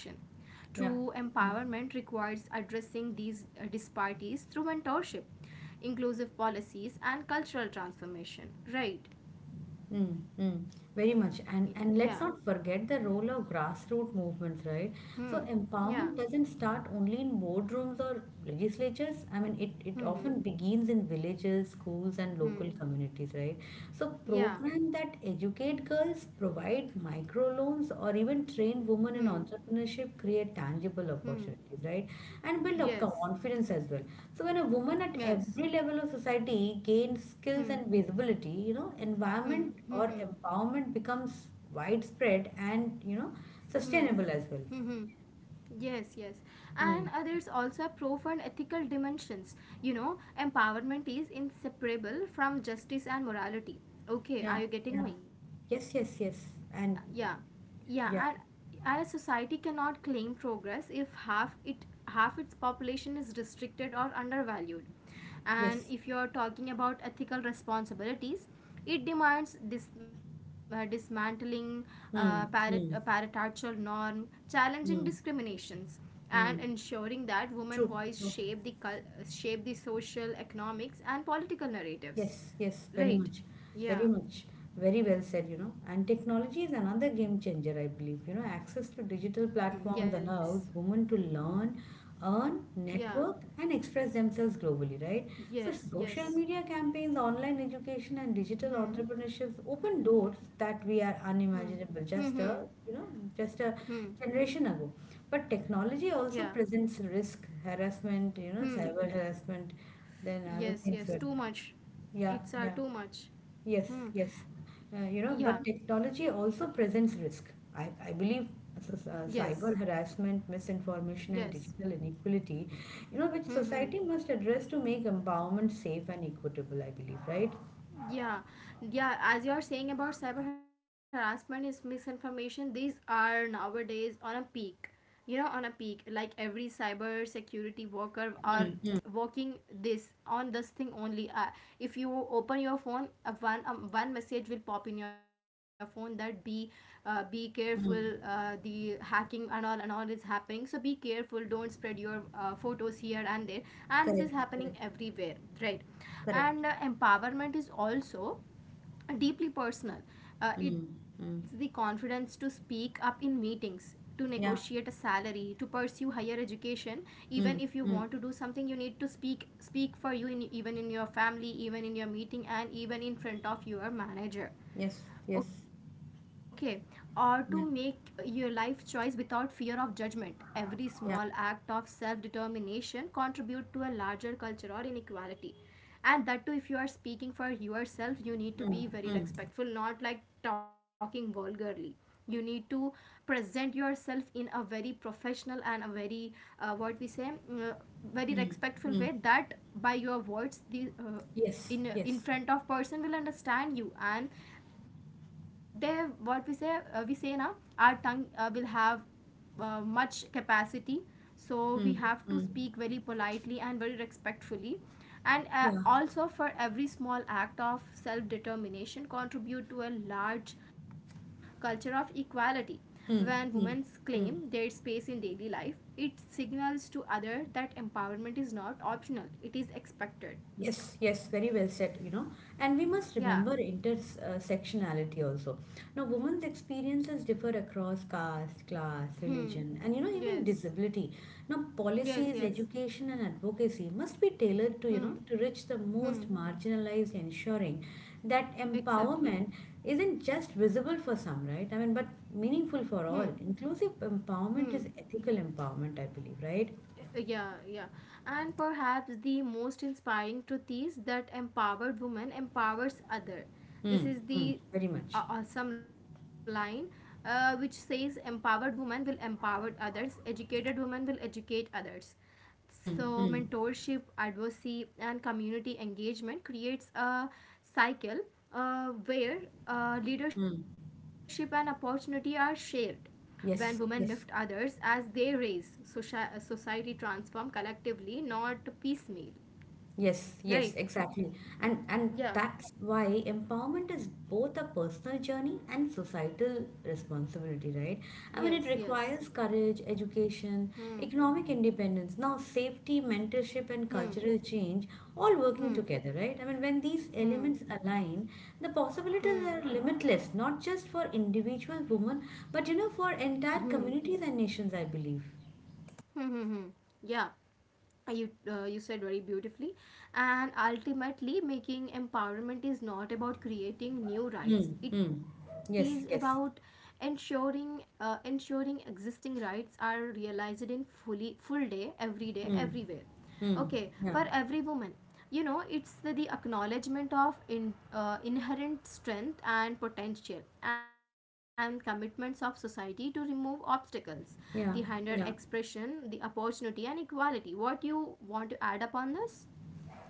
B: Yeah,
A: True
B: yeah.
A: empowerment requires addressing these disparities through mentorship, inclusive policies, and cultural transformation, right?
B: Mm, mm, very much. And
A: Yeah,
B: and let's not forget the role of grassroots movements, right? So
A: hmm, yeah.
B: empowerment doesn't start only in boardrooms or legislatures. I mean, it often
A: Hmm.
B: begins in villages, schools, and local
A: Hmm.
B: communities, right? So
A: Yeah.
B: program that educate girls, provide microloans, or even train women
A: Hmm.
B: in entrepreneurship create tangible
A: Hmm.
B: opportunities, right? And build up
A: Yes.
B: confidence as well. So when a woman at every
A: Yes.
B: level of society gains skills and
A: Hmm.
B: visibility, environment
A: Hmm.
B: or
A: Hmm. Hmm.
B: empowerment becomes widespread and
A: Hmm.
B: sustainable as
A: Hmm.
B: well.
A: Hmm. Yes, yes. And
B: Hmm.
A: there's also a profound ethical dimensions. You know, empowerment is inseparable from justice and morality. Okay,
B: Yeah,
A: are you
B: yeah.
A: getting me?
B: Yes, yes, yes.
A: Yeah,
B: And
A: yeah, and,
B: yeah,
A: and a society cannot claim progress if half its population is restricted or undervalued. And if
B: yes.
A: you're talking about ethical responsibilities, it demands dismantling
B: Hmm. Hmm.
A: patriarchal norm, challenging
B: Hmm.
A: discriminations, and
B: Hmm.
A: ensuring that women voice
B: True, true.
A: shape the shape the social, economics, and political narratives,
B: Yes, yes, very
A: right?
B: much, very
A: Yeah,
B: much, very well said. And technology is another game changer, I believe. Access to digital
A: hmm,
B: platforms
A: yes,
B: allows women to learn, earn,
A: yeah.
B: network, and express themselves globally, right? So,
A: Yes,
B: social
A: yes.
B: media campaigns, online education, and digital
A: Hmm,
B: entrepreneurship open doors that
A: hmm,
B: we are
A: hmm, hmm,
B: unimaginable
A: hmm.
B: just a generation ago. But technology
A: Yeah,
B: also presents risk, harassment,
A: hmm.
B: cyber harassment, then other
A: Yes,
B: things
A: yes.
B: were,
A: Too much.
B: yeah.
A: It's are too much.
B: Yes,
A: Hmm.
B: yes. But
A: Yeah.
B: technology also presents risk. I believe so
A: Yes.
B: cyber harassment,
A: Yes.
B: misinformation, and digital inequality, which
A: Hmm. Hmm.
B: society must address to make empowerment safe and equitable, I believe, right?
A: Yeah, yeah, as you are saying about cyber harassment is misinformation, these are nowadays on a peak. You know, on a peak, like every cyber security worker are
B: Mm,
A: working this on this thing only. If you open your phone, one message will pop in your phone that be careful.
B: mm,
A: The hacking and all is happening, so be careful. Don't spread your photos here and there. And this is
B: correct,
A: happening
B: correct,
A: everywhere, right?
B: correct.
A: And empowerment is also deeply personal. It's
B: Mm,
A: the
B: mm,
A: confidence to speak up in meetings, to negotiate a
B: yeah.
A: salary, to pursue higher education. Even if you
B: Mm,
A: want to
B: mm,
A: do something, you need to speak, speak for you in, even in your family, even in your meeting, and even in front of your manager.
B: yes, yes.
A: Okay, or to make your
B: Yeah,
A: life choice without fear of judgment. Every small act
B: yeah.
A: of self determination contribute to a larger culture or inequality. And that too, if you are speaking for yourself, you need to be
B: Mm,
A: very
B: mm,
A: respectful, not like talking vulgarly. You need to present yourself in a very professional and a very what we say mm, very respectful way,
B: mm,
A: that by your words the
B: yes, yes.
A: in front of person will understand you, and they what we say now our tongue will have much capacity. So we have
B: Mm,
A: to speak
B: mm,
A: very politely and very respectfully. And
B: yeah.
A: also, for every small act of self determination contribute to a large culture of equality. When women
B: Mm, mm,
A: claim their
B: mm.
A: space in daily life, it signals to others that empowerment is not optional, it is expected.
B: Yes, yes, very well said. And we must
A: Yeah,
B: remember intersectionality also. Now, women's experiences differ across caste, class,
A: hmm,
B: religion, and even
A: yes,
B: disability. Now,
A: yes,
B: policies,
A: yes,
B: education, and advocacy must be tailored to, you know,
A: hmm,
B: to reach the most
A: hmm.
B: marginalized, ensuring that
A: Exactly.
B: empowerment isn't just visible for some, right? I mean, but
A: Hmm.
B: meaningful for all. Inclusive
A: Hmm.
B: empowerment is ethical empowerment, I believe, right?
A: Yeah, yeah. And perhaps the most inspiring truth is that empowered woman empowers other. This
B: Mm,
A: is
B: mm,
A: the
B: very much.
A: awesome line which says empowered woman will empower others, educated woman will educate others. So,
B: Mm, mm.
A: mentorship, advocacy, and community engagement creates a cycle where leadership and
B: Mm.
A: opportunity are shared. When women
B: Yes,
A: lift
B: yes,
A: others as they raise, society transform collectively, not piecemeal.
B: yes, yes,
A: Right?
B: exactly. And
A: Yeah.
B: that's why empowerment is both a personal journey and
A: Hmm.
B: societal responsibility, right? I mean, it
A: Yes. Yes.
B: requires courage, education,
A: Hmm.
B: economic independence, now safety, mentorship, and
A: Hmm.
B: cultural change all working
A: Hmm.
B: together, right? I mean, when these elements
A: Hmm.
B: align, the
A: Hmm.
B: possibilities
A: Hmm.
B: are limitless, not just for individual women, but for
A: Hmm.
B: entire communities and nations, I believe.
A: Hmm. Hmm. Hmm. Yeah. You said very beautifully. And ultimately, making empowerment is not about creating new
B: Hmm,
A: rights, it
B: hmm.
A: is about
B: Yes, yes.
A: ensuring existing rights are realized in fully full day, every day,
B: Hmm.
A: everywhere,
B: Hmm.
A: okay, for
B: Yeah,
A: every woman. You know, it's the acknowledgement of inherent strength and potential, and commitments of society to remove obstacles the hinder
B: yeah, yeah.
A: expression, the opportunity and equality. What you want to add upon this?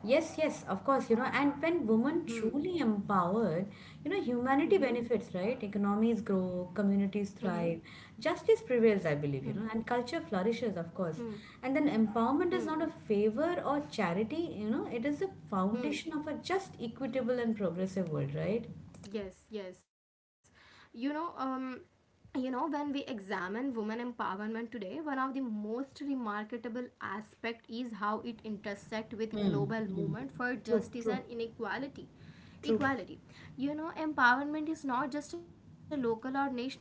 B: Yes, yes, of course, and when women
A: hmm
B: truly empowered, humanity
A: hmm
B: benefits, right? Economies grow,
A: hmm
B: communities thrive, justice
A: hmm
B: prevails, I believe, and culture flourishes,
A: hmm
B: of course. And then
A: hmm
B: empowerment is not a favor or charity, it is the
A: hmm
B: foundation of a just, equitable, and progressive world, right?
A: Yes, yes. You know, um, you know, when we examine women empowerment today, one of the most remarkable aspect is how it intersect with
B: Hmm.
A: global movement for
B: True,
A: justice
B: true,
A: and inequality.
B: true.
A: Equality. You know, empowerment is not just a local or national issue,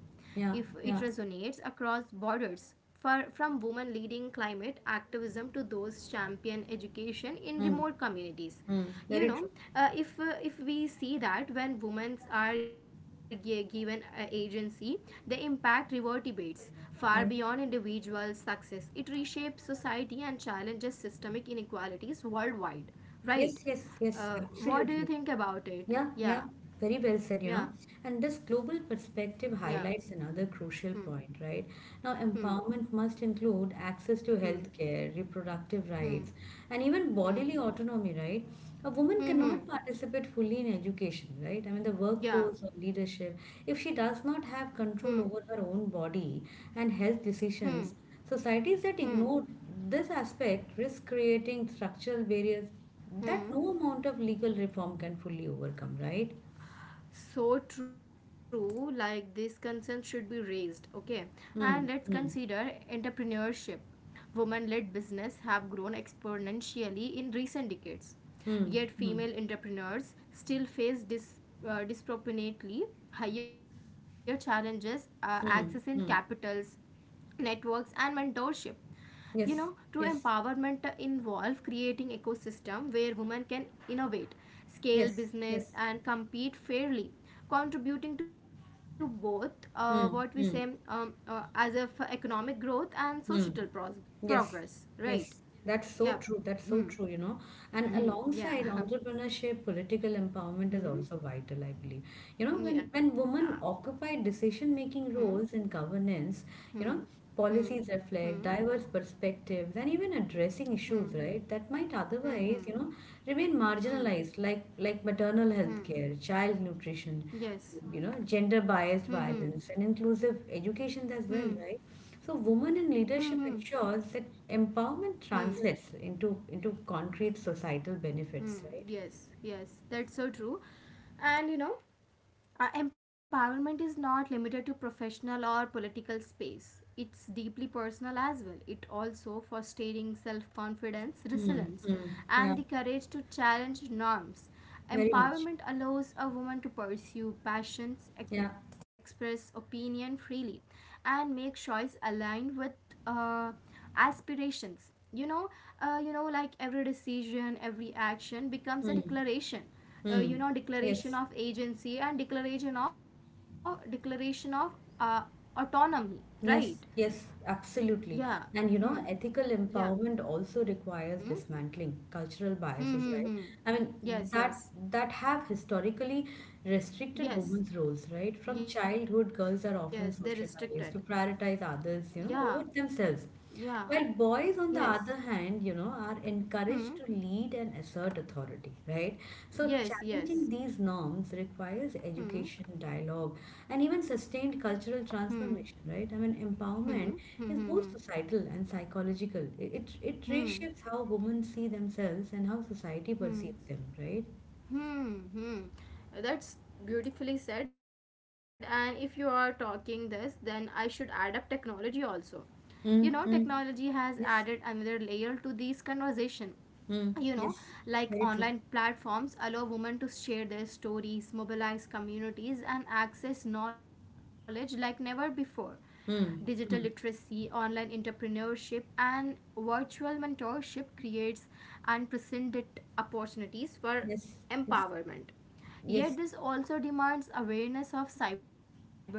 A: if it
B: Yeah, yeah.
A: resonates across borders. For, from women leading climate activism to those champion education in
B: Hmm.
A: remote communities,
B: Hmm.
A: you
B: Very
A: know
B: true.
A: if we see that when women are given agency, the impact reverberates far beyond
B: Yeah.
A: individual success. It reshapes society and challenges systemic inequalities worldwide, right?
B: Yes, yes, yes,
A: What do you
B: absolutely.
A: think about it?
B: Yeah, yeah,
A: Yeah.
B: very well said.
A: yeah
B: And this global
A: yeah
B: perspective highlights
A: hmm
B: another crucial point, right? Now,
A: hmm
B: empowerment must include access to
A: hmm
B: healthcare, reproductive rights, and even
A: Hmm.
B: bodily autonomy, right? A woman
A: Hmm.
B: cannot
A: Hmm.
B: participate fully in education, right? I mean, the
A: Yeah.
B: workforce or leadership, if she does not
A: Hmm.
B: have control over her own body and health decisions, societies that
A: Hmm.
B: ignore this aspect risks creating structural barriers that
A: Hmm.
B: no amount of legal reform can fully overcome, right?
A: So true. Like this concern should be raised. Okay. And let's
B: Mm,
A: consider
B: mm,
A: entrepreneurship. Women-led business have grown exponentially in recent decades.
B: mm,
A: Yet
B: mm,
A: female entrepreneurs still face disproportionately higher challenges accessing
B: mm,
A: capitals,
B: mm.
A: networks, and mentorship. You know, true
B: Yes, yes,
A: empowerment involves creating ecosystem where women can innovate, scale
B: yes,
A: business
B: yes.
A: and compete fairly, contributing to both what we say
B: Mm, mm,
A: as of economic growth and societal
B: mm.
A: progress,
B: Yes,
A: right?
B: yes.
A: yeah
B: That's so true.
A: hmm
B: That's so true. And
A: hmm yeah
B: alongside entrepreneurship, political empowerment is
A: hmm
B: also vital, I believe. When
A: yeah
B: women occupy decision
A: hmm
B: making roles in governance,
A: hmm
B: you know,
A: hmm
B: policies reflect
A: hmm
B: diverse perspectives and even addressing issues,
A: hmm
B: right, that might
A: hmm
B: otherwise,
A: hmm
B: remain
A: hmm
B: marginalized, like maternal health
A: Hmm.
B: care, child nutrition,
A: yes
B: gender
A: hmm hmm
B: biased violence, and inclusive education
A: hmm
B: as well, right? So, women in
A: hmm hmm
B: leadership ensures that empowerment
A: Hmm.
B: translates into concrete societal
A: Hmm.
B: benefits, right?
A: Yes. Yes. That's so true. And you know, empowerment is not limited to professional or political space. It's deeply personal as well. It also fostering self confidence, resilience,
B: Mm-hmm. Yeah,
A: and the courage to challenge norms.
B: very much.
A: Empowerment allows a woman to pursue passions,
B: Yeah.
A: express opinion freely, and make choice aligned with uh, aspirations. Like every decision, every action becomes a
B: Hmm.
A: declaration
B: Hmm.
A: declaration
B: Yes.
A: of agency and declaration of uh, autonomy, right?
B: Yes. Yes.
A: yeah
B: Absolutely.
A: hmm
B: And ethical
A: yeah
B: empowerment also requires
A: mm-hmm.
B: dismantling cultural biases, right?
A: Mm-hmm.
B: I mean,
A: yes
B: that
A: yes
B: that have historically restricted
A: yes
B: women's roles, right? From
A: yes, they're
B: childhood, girls
A: restricted.
B: are often socialized to prioritize
A: Yeah
B: others, over themselves.
A: yeah
B: While boys,
A: yes
B: on the other hand, are
A: hmm
B: encouraged to lead and assert authority, right? So,
A: yes
B: challenging
A: yes
B: these norms requires
A: hmm
B: education, dialogue, and even sustained
A: hmm
B: cultural transformation, right? I
A: hmm
B: mean,
A: hmm hmm hmm
B: empowerment
A: hmm
B: is both societal and psychological. It
A: hmm
B: reshapes how women see themselves and how society
A: Hmm.
B: perceives them, right?
A: Hmm, hmm. That's beautifully said. And if you are talking this, then I should add up technology also. You know,
B: Mm,
A: technology has added
B: yes,
A: another layer to this conversation.
B: mm,
A: You know,
B: yes,
A: like
B: very
A: online
B: true.
A: platforms allow women to share their stories, mobilize communities, and access knowledge like never before. Digital
B: Mm, mm,
A: literacy, online entrepreneurship, and virtual mentorship creates unprecedented opportunities for
B: yes, yes,
A: empowerment. Yet,
B: yes,
A: this also demands awareness of cyber safety,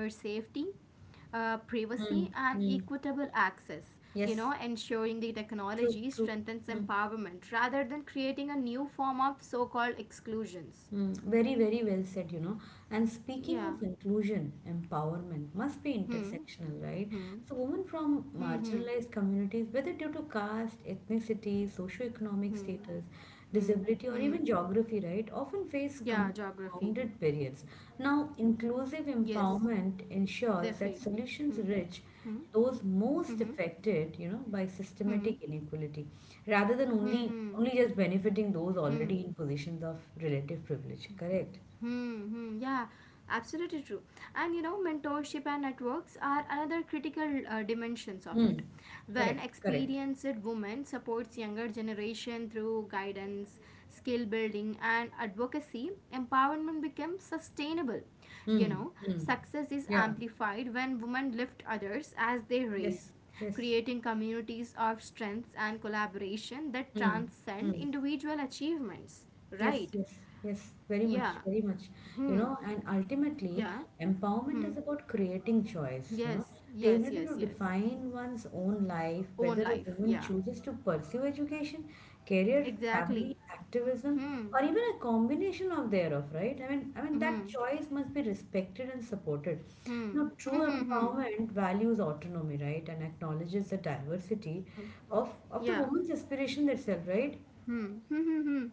A: privacy, and
B: mm,
A: equitable
B: mm,
A: access. You know,
B: yes.
A: ensuring the technology
B: True, true.
A: strengthens
B: Mm,
A: empowerment rather than creating a new form of so called exclusions.
B: mm. Very, very well said. And speaking
A: Yeah.
B: of inclusion, empowerment
A: Hmm.
B: must be
A: Hmm.
B: intersectional, right? So, women
A: Hmm.
B: from
A: Hmm.
B: marginalized communities, whether due to caste, ethnicity, socioeconomic
A: Hmm.
B: status,
A: Hmm.
B: disability, or
A: Hmm.
B: even geography, right, often face
A: Yeah, geography.
B: compounded barriers. Now,
A: Yes,
B: inclusive
A: their
B: empowerment
A: field.
B: ensures that
A: Hmm.
B: solutions
A: Hmm.
B: reach those
A: Hmm. Hmm.
B: most affected by
A: Hmm. Hmm.
B: systematic inequality rather than only
A: Hmm. hmm,
B: only just benefiting those already
A: hmm.
B: in positions of relative privilege. Correct.
A: Hmm, hmm, yeah, absolutely true. And you know, mentorship and networks are another critical dimensions of
B: Hmm.
A: it. When
B: Correct, correct.
A: experienced women supports younger generation through guidance, skill building, and advocacy, empowerment becomes sustainable. You
B: Hmm,
A: know,
B: hmm.
A: success is
B: Yeah,
A: amplified when women lift others as they raise,
B: yes, yes.
A: creating communities of strength and collaboration that
B: Hmm,
A: transcend
B: hmm.
A: individual achievements.
B: Yes,
A: Right?
B: yes, yes, very
A: Yeah,
B: much, very much. And ultimately,
A: yeah.
B: empowerment is about creating choice,
A: Yes,
B: the
A: yes,
B: ability
A: yes,
B: to
A: yes.
B: define one's own life,
A: Own
B: whether a
A: life,
B: woman
A: yeah.
B: chooses to pursue education, career, family,
A: Exactly.
B: activism,
A: Hmm.
B: or even a combination of thereof, right? I mean, I
A: Hmm.
B: mean that
A: Hmm.
B: choice must be respected and supported.
A: Hmm.
B: Now,
A: Hmm.
B: true
A: Hmm. Hmm.
B: empowerment values autonomy, right, and acknowledges the diversity
A: hmm.
B: of the
A: Yeah.
B: woman's aspiration itself, right?
A: Hmm. Hmm. Hmm. hmm.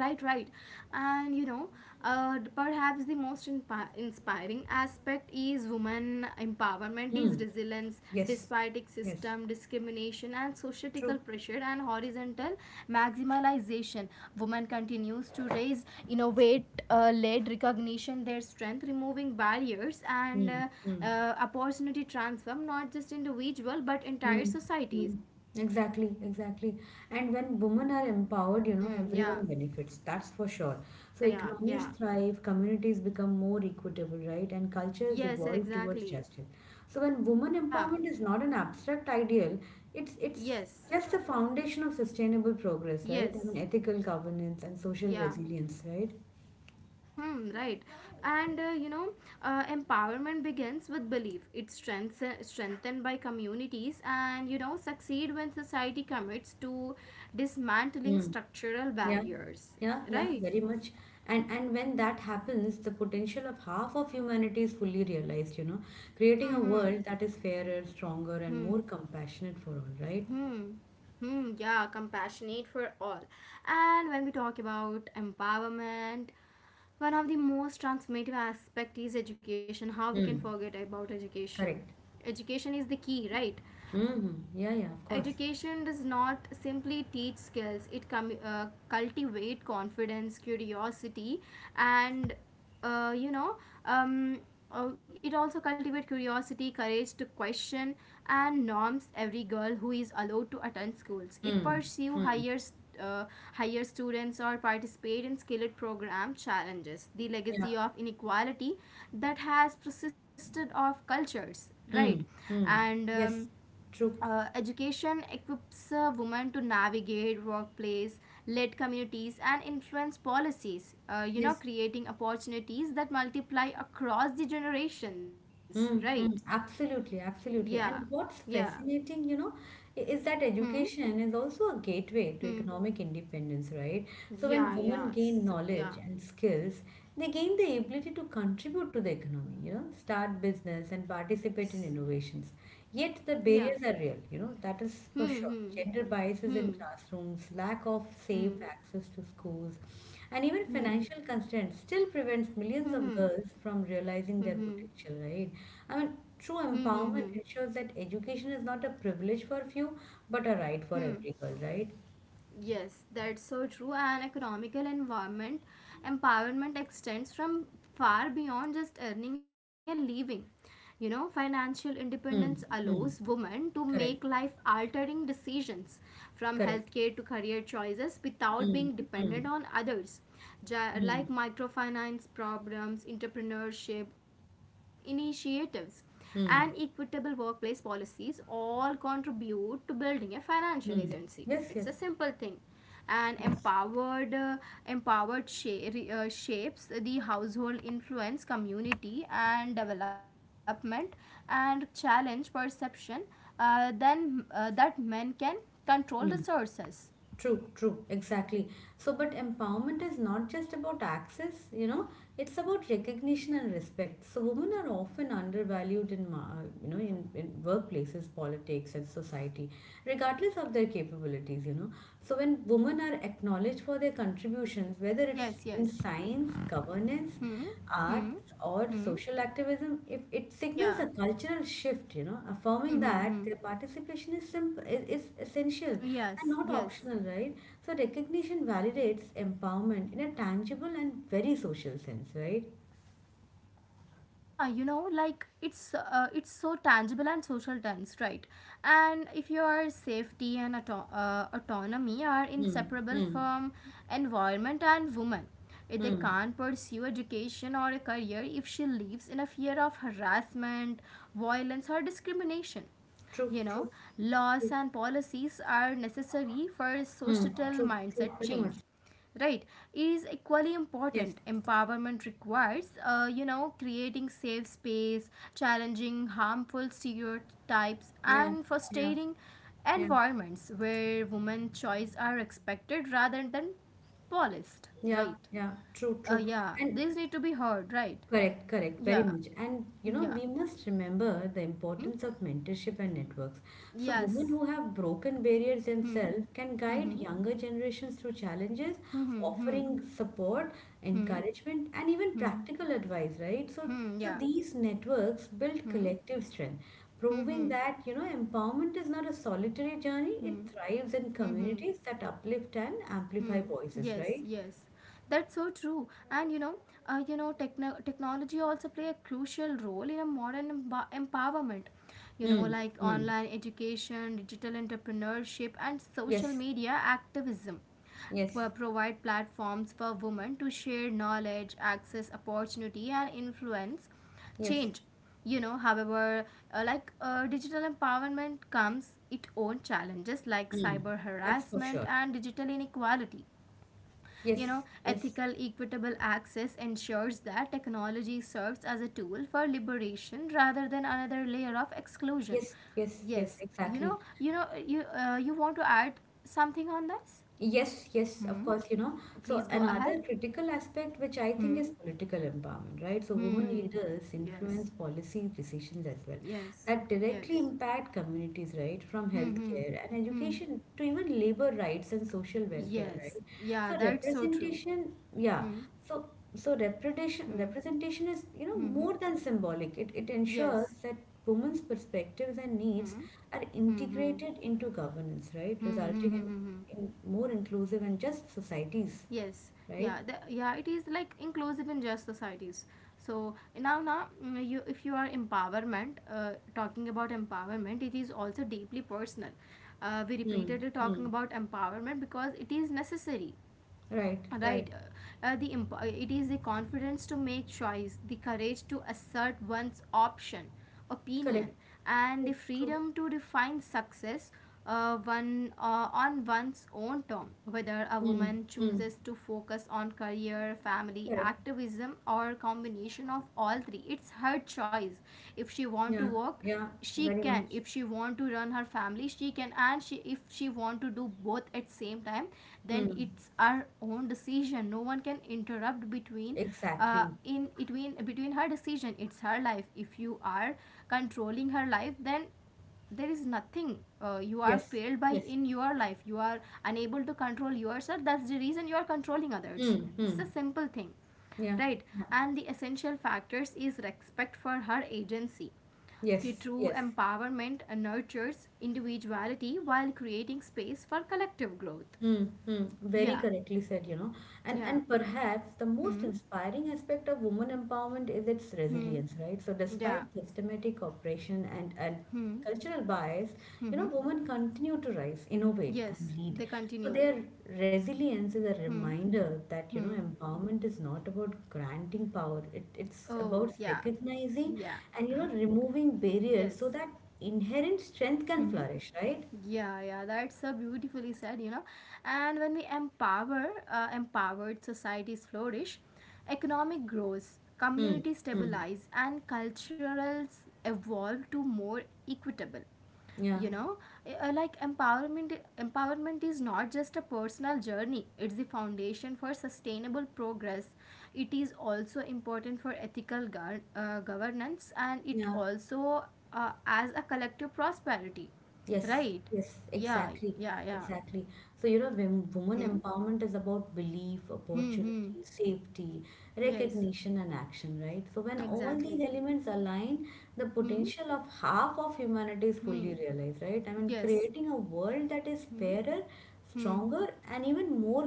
A: Right, right. And you know, perhaps the most inspiring aspect is women empowerment,
B: Hmm.
A: is resilience
B: Yes.
A: despite its
B: Yes.
A: system, discrimination, and
B: True.
A: societal pressure and horizontal maximalization. Women continues to raise, innovate, led recognition their strength, removing barriers and
B: Mm, mm,
A: opportunity transform not just individual but
B: mm,
A: entire societies.
B: mm. Exactly, exactly. And when women are empowered,
A: Hmm. Yeah.
B: everyone benefits, that's for sure. So
A: Yeah. Yeah.
B: economies
A: Yeah.
B: thrive, communities become more equitable, right? And cultures
A: Yes.
B: evolve towards
A: Exactly.
B: justice. So when women
A: Yeah.
B: empowerment is not an abstract ideal, it's
A: Yes,
B: just the foundation of sustainable progress, right? I
A: yes,
B: mean, ethical governance and social
A: yeah.
B: resilience, right?
A: Mm-hmm, right. And empowerment begins with belief. It's strengthened by communities and, you know, succeed when society commits to dismantling structural
B: Yeah,
A: barriers.
B: yeah, yeah,
A: Right?
B: very much. And when that happens, the potential of half of humanity is fully realized, creating a
A: Mm-hmm.
B: world that is fairer, stronger, and more compassionate for all, right?
A: Hmm. Hmm. Yeah, compassionate for all. And when we talk about empowerment, one of the most transformative aspect is education. How we can
B: Hmm.
A: forget about education?
B: Correct.
A: Education is the key, right?
B: Mm-hmm. Yeah, yeah, of
A: No,
B: course.
A: education does not simply teach skills, it cultivate confidence, curiosity, and uh, you know, um, it also cultivate curiosity, courage to question, and norms. Every girl who is allowed to attend schools, it
B: Hmm.
A: pursue
B: Hmm.
A: higher higher students or participate in skilled program challenges the
B: Yeah.
A: legacy of inequality that has persisted of cultures, right?
B: Hmm. Hmm.
A: And
B: Yes. True.
A: education equips women to navigate workplace, lead communities and influence policies, you know,
B: Yes.
A: creating opportunities that multiply across the generations, right?
B: Mm, mm, absolutely,
A: yeah
B: absolutely. And
A: yeah
B: what's fascinating, is that
A: hmm
B: education is also a
A: hmm
B: gateway to economic independence, right? So
A: yeah
B: when
A: yeah
B: women
A: S-
B: gain
A: yeah
B: knowledge and skills, they gain the ability to contribute to the economy, start business and participate in
A: yes
B: innovations. Yet the
A: yeah
B: barriers are real, that is for
A: hmm
B: sure.
A: hmm
B: Gender biases in classrooms, lack of safe
A: hmm
B: access to schools, and even
A: hmm
B: financial constraints still prevents
A: hmm
B: millions
A: hmm
B: of
A: hmm
B: girls from realizing
A: hmm
B: their
A: hmm
B: potential, right? I mean,
A: hmm
B: True
A: hmm
B: empowerment ensures that education is not a privilege for few, but a right for
A: hmm
B: every girl, right?
A: Yes, that's so true. An economical environment empowerment extends from far beyond just earning a living. You know, financial independence
B: Hmm,
A: allows
B: hmm,
A: women to make life
B: correct,
A: altering decisions, from
B: correct.
A: healthcare to career choices, without being
B: Hmm,
A: dependent
B: hmm,
A: on others.
B: hmm,
A: Like microfinance programs, entrepreneurship initiatives, and equitable
B: hmm,
A: workplace policies all contribute to building a financial
B: hmm.
A: agency. It's a
B: Yes, yes,
A: simple thing, and
B: yes.
A: empowered shapes the household, influence community and development, and challenge perception then that men can control
B: Hmm.
A: resources.
B: True, true, exactly. So, but empowerment is not just about access, it's about recognition and respect. So, women are often undervalued in, in workplaces, politics, and society, regardless of their capabilities. So, when women are acknowledged for their contributions, whether it's
A: Yes
B: in
A: yes
B: science, governance,
A: hmm
B: art,
A: hmm
B: or
A: hmm
B: social activism, if it signals
A: yeah
B: a cultural shift, affirming
A: hmm hmm
B: that
A: hmm
B: their participation is simple is essential and
A: yes
B: not
A: yes
B: optional, right? So
A: yes
B: recognition validates empowerment in a tangible and very social sense, right?
A: Yeah, you know, like it's so tangible and social tense, right? And if your safety and autonomy are
B: Hmm,
A: inseparable
B: hmm,
A: from environment and woman, if they
B: hmm.
A: can't pursue education or a career, if she lives in a fear of harassment, violence or discrimination,
B: True,
A: you know,
B: true,
A: laws
B: true.
A: and policies are necessary for
B: Hmm.
A: societal
B: True, true,
A: mindset
B: very much.
A: change. Right, it is equally
B: Yes,
A: important. Empowerment requires, you know, creating safe space, challenging harmful stereotypes,
B: yeah,
A: and
B: yeah,
A: fostering
B: yeah,
A: environments where women's choice are expected rather than policed.
B: yeah,
A: Right.
B: yeah, true, true.
A: Yeah,
B: And
A: these need to be heard. Right.
B: correct, correct, very
A: Yeah.
B: much. And
A: Yeah.
B: we must remember the
A: Mm-hmm.
B: importance of mentorship and networks. So, women
A: Yes.
B: who have broken barriers
A: Hmm.
B: themselves can guide
A: Hmm.
B: younger generations through challenges,
A: Hmm. Hmm.
B: offering support,
A: Hmm.
B: encouragement, and even
A: Hmm.
B: practical advice, right? So,
A: Hmm.
B: so
A: Yeah.
B: these networks build
A: Hmm.
B: collective strength,
A: Hmm.
B: proving
A: Hmm.
B: that, empowerment is not a solitary journey, it
A: Hmm.
B: thrives in
A: Hmm. Hmm.
B: communities that uplift and
A: Hmm.
B: amplify voices,
A: Yes.
B: right?
A: Yes. That's so true. And you know, technology also play a crucial role in a modern empowerment. You know,
B: Mm,
A: like
B: mm.
A: online education, digital entrepreneurship, and social
B: Yes,
A: media activism
B: yes,
A: provide platforms for women to share knowledge, access opportunity, and influence
B: yes.
A: change. You know, however, digital empowerment comes its own challenges like
B: Mm,
A: cyber
B: that's for
A: harassment
B: sure.
A: and digital inequality. You know,
B: Yes, yes,
A: ethical equitable access ensures that technology serves as a tool for liberation rather than another layer of exclusion.
B: yes, yes, yes,
A: Yes. you
B: exactly.
A: know you know you uh, you want to add something on this?
B: Yes, yes, of
A: hmm
B: course, So
A: Please go ahead.
B: another critical aspect, which I think, is
A: Hmm
B: political empowerment, right? So women
A: hmm
B: leaders influence
A: yes
B: policy decisions as well
A: yes
B: that directly
A: yes
B: impact communities, right? From
A: Hmm. Hmm.
B: healthcare and
A: Hmm.
B: education to even labor rights and social welfare, right?
A: Yes. Yeah.
B: So
A: That's so true.
B: representation, yeah.
A: Hmm.
B: So, so representation,
A: Hmm.
B: representation is,
A: Hmm. hmm.
B: more than symbolic. It
A: Yes.
B: ensures that women's perspectives and
A: Hmm.
B: needs
A: Hmm. Hmm.
B: are
A: Hmm. Hmm.
B: integrated into governance, right?
A: Hmm. hmm,
B: Resulting
A: hmm. hmm.
B: in more inclusive and just societies,
A: Yes.
B: right?
A: Yeah. The, yeah. It is like inclusive in just societies. So now, now mm, you if you are empowerment, talking about empowerment, it is also deeply personal. We
B: Hmm.
A: repeatedly
B: Hmm.
A: talking about empowerment because it is necessary,
B: Right, right.
A: right? It is the confidence to make choice, the courage to assert one's option, opinion,
B: Correct.
A: and the
B: True, true.
A: freedom to define success one on one's own term. Whether a
B: Hmm.
A: woman
B: Hmm.
A: chooses to focus on career, family,
B: Correct.
A: activism, or combination of all three, it's her choice. If she want to
B: Yeah,
A: work
B: yeah,
A: she
B: very much.
A: can, if she want to run her family she can, and she, if she want to do both at same time, then
B: Hmm.
A: it's her own decision. No one can interrupt between, uh,
B: Exactly.
A: in between between her decision. It's her life. If you are controlling her life, then there is nothing, you are
B: Yes,
A: failed by
B: yes.
A: in your life. You are unable to control yourself, that's the reason you are controlling
B: Hmm.
A: others. This
B: Hmm.
A: is a simple thing,
B: Yeah,
A: right?
B: yeah.
A: And the essential factors is respect for her agency. The
B: Yes,
A: true
B: yes.
A: empowerment nurtures individuality while creating space for collective growth.
B: Hmm, hmm, very
A: Yeah,
B: correctly said,
A: yeah.
B: and perhaps the most
A: Hmm,
B: inspiring aspect of women empowerment is its
A: hmm,
B: resilience, right? So
A: yeah.
B: despite systematic oppression and
A: Hmm,
B: cultural bias,
A: hmm, hmm.
B: women continue to rise, innovate,
A: Yes,
B: and lead.
A: they
B: So
A: continue.
B: their resilience is a
A: Hmm,
B: reminder that,
A: hmm.
B: empowerment is not about granting power. It's
A: Oh,
B: about
A: yeah,
B: recognizing
A: yeah,
B: and, removing barriers
A: yes.
B: so that inherent strength can
A: Hmm.
B: flourish, right?
A: Yeah, yeah, that's so beautifully said, you know. And when we empower, empowered societies flourish. Economic growth,
B: Hmm,
A: community
B: hmm,
A: stabilize, and culturals evolve to more equitable.
B: yeah.
A: You know, Empowerment is not just a personal journey; it's the foundation for sustainable progress. It is also important for ethical governance, and it
B: Yeah.
A: also as a collective prosperity.
B: Yes,
A: Right?
B: yes,
A: Yeah.
B: exactly,
A: Yeah. Yeah.
B: exactly. So, when women
A: Hmm.
B: empowerment is about belief,
A: Hmm.
B: opportunity,
A: Hmm.
B: safety,
A: Yes.
B: recognition, and action, right? So, when all these
A: Exactly.
B: elements align, the
A: Hmm.
B: potential of half of humanity is
A: Hmm.
B: fully realized, right?
A: Yes.
B: Creating a world that is
A: Hmm.
B: fairer,
A: Hmm.
B: stronger, and even more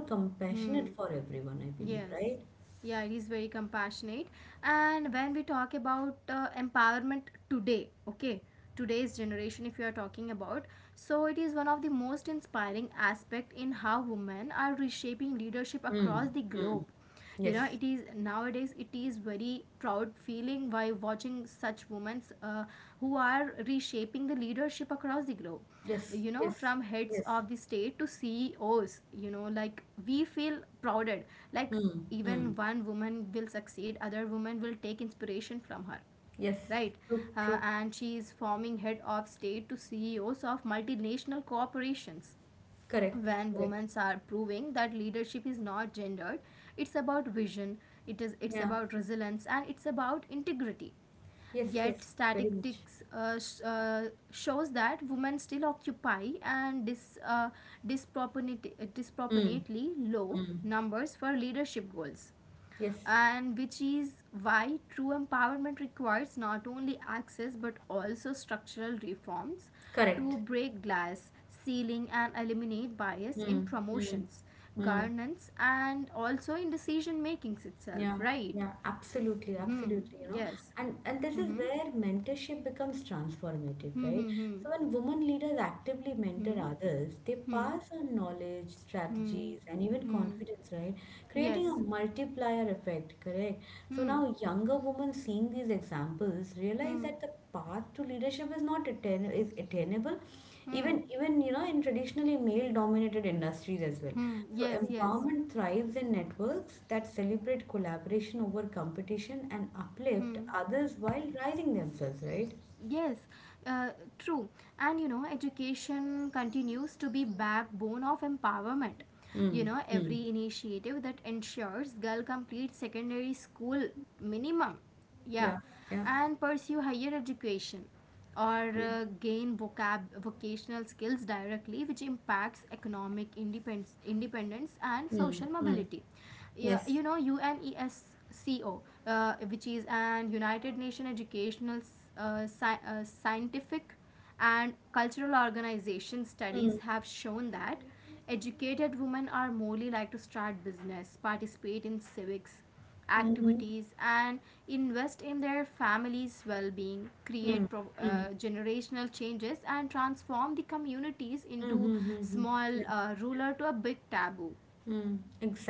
A: Hmm.
B: compassionate for everyone, I believe,
A: Yes.
B: right?
A: Yeah, it is very compassionate. And when we talk about empowerment today, okay, today's generation, if you are talking about, so it is one of the most inspiring aspect in how women are reshaping leadership
B: Mm,
A: across the
B: mm.
A: globe. You
B: Yes,
A: know it is nowadays it is very proud feeling by watching such women, who are reshaping the leadership across the globe,
B: yes,
A: you know,
B: yes,
A: from heads
B: yes.
A: of the state to ceos, you know, like we feel prouded, like
B: Mm,
A: even
B: mm.
A: one woman will succeed, other woman will take inspiration from her,
B: Yes,
A: right?
B: true, true,
A: And she is forming head of state to ceos of multinational corporations.
B: correct,
A: When
B: correct.
A: women are proving that leadership is not gendered, it's about vision, it's
B: Yeah.
A: about resilience and it's about integrity.
B: Yes,
A: Yet
B: yes, very much.
A: statistics, shows that women still occupy and
B: Mm,
A: disproportionately low
B: mm,
A: numbers for leadership goals,
B: yes,
A: and which is why true empowerment requires not only access but also structural reforms
B: correct.
A: to break glass ceiling and eliminate bias in
B: Mm, mm,
A: promotions,
B: mm.
A: governance and also in decision makings itself,
B: Yeah,
A: right?
B: yeah, absolutely,
A: Hmm.
B: absolutely,
A: Yes.
B: And this is
A: Hmm,
B: where mentorship becomes transformative,
A: hmm.
B: right?
A: Hmm,
B: So when women leaders actively mentor
A: hmm.
B: others, they
A: Hmm,
B: pass on knowledge,
A: hmm. Hmm,
B: strategies, and even
A: hmm. Hmm,
B: confidence, right? Creating a
A: Yes.
B: multiplier effect, correct? So
A: hmm
B: now younger women seeing these examples realize
A: hmm,
B: that the path to leadership is not attain is attainable.
A: hmm. Hmm,
B: Even, even, in traditionally male dominated industries as well.
A: hmm.
B: So
A: Yes, yes.
B: empowerment thrives in networks that celebrate collaboration over competition and uplift
A: Hmm.
B: others while rising themselves, right?
A: Yes, uh, true. And you know, education continues to be backbone of empowerment. You
B: Mm,
A: know,
B: mm,
A: every initiative that ensures girl complete secondary school minimum, yeah,
B: yeah, yeah,
A: and pursue higher education or,
B: yeah.
A: gain vocab vocational skills directly which impacts economic independence and
B: Mm,
A: social
B: mm.
A: mobility. Yeah,
B: Yes.
A: you know, UNESCO, which is an United Nation educational, scientific and cultural organization studies
B: Mm,
A: have shown that educated women are more likely to start business, participate in civics
B: mm-hmm,
A: activities and invest in their families' well being,
B: mm,
A: create
B: mm,
A: generational changes, and transform the communities into
B: mm-hmm, mm-hmm.
A: small, ruler to a big taboo.
B: Mm,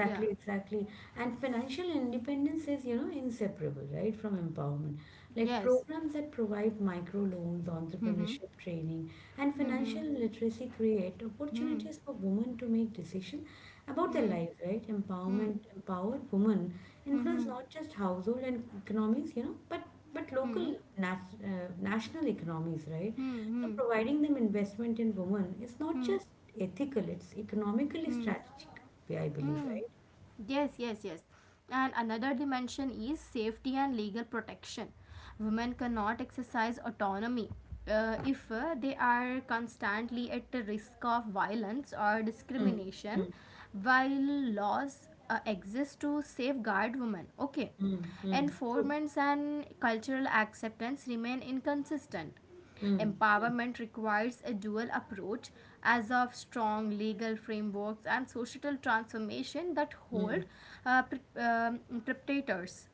A: Yeah.
B: exactly. And financial independence is, inseparable, right, from empowerment.
A: Hmm.
B: Like
A: Yes.
B: programs that provide micro loans, entrepreneurship training, and financial literacy create
A: Hmm.
B: opportunities for women to make decisions about their
A: Hmm.
B: lives, right?
A: Hmm.
B: Empowerment, empowered women influence
A: Hmm.
B: not just household and economies, but
A: Hmm. Hmm.
B: local national economies, right? So
A: Hmm.
B: providing them investment in women is not
A: Hmm.
B: just ethical, it's economically
A: Hmm.
B: strategic. Yeah, I
A: Hmm.
B: believe,
A: Hmm.
B: right?
A: Yes, yes, yes. And another dimension is safety and legal protection. Women cannot exercise autonomy, if they are constantly at the risk of violence or
B: Mm,
A: discrimination,
B: mm,
A: while laws, exist to safeguard women. Okay.
B: mm, mm. True.
A: Enforcements and cultural acceptance remain inconsistent.
B: Mm, mm,
A: Empowerment requires a dual approach as of strong legal frameworks and societal transformation that
B: mm.
A: hold, perpetrators,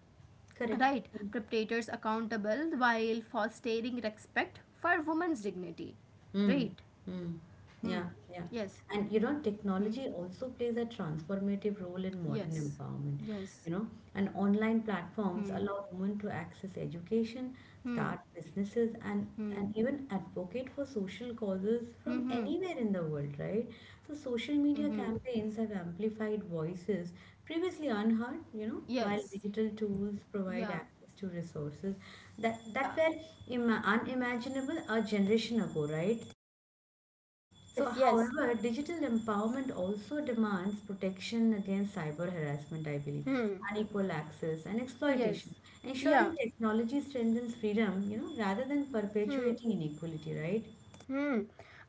B: Correct.
A: right, perpetrators accountable while fostering respect for women's dignity,
B: Mm,
A: right?
B: mm.
A: Hmm.
B: Yeah, yeah.
A: Yes.
B: And
A: Hmm.
B: technology also plays a transformative role in modern
A: Yes,
B: empowerment,
A: yes.
B: you know, and online platforms
A: Hmm,
B: allow women to access education,
A: hmm.
B: start businesses, and
A: Hmm,
B: and even advocate for social causes
A: hmm.
B: from
A: Hmm,
B: anywhere in the world, right? So social
A: hmm.
B: media
A: Hmm.
B: campaigns have amplified voices previously unheard, while
A: Yes.
B: digital tools provide
A: Yeah,
B: access to resources that
A: yeah.
B: were unimaginable a generation ago, right?
A: Yes,
B: So,
A: yes.
B: however, digital empowerment also demands protection against cyber harassment, I believe,
A: Hmm.
B: unequal access and
A: Yes.
B: exploitation,
A: Yeah.
B: ensuring technology strengthens freedom, rather than
A: Hmm.
B: perpetuating inequality, right?
A: Hmm.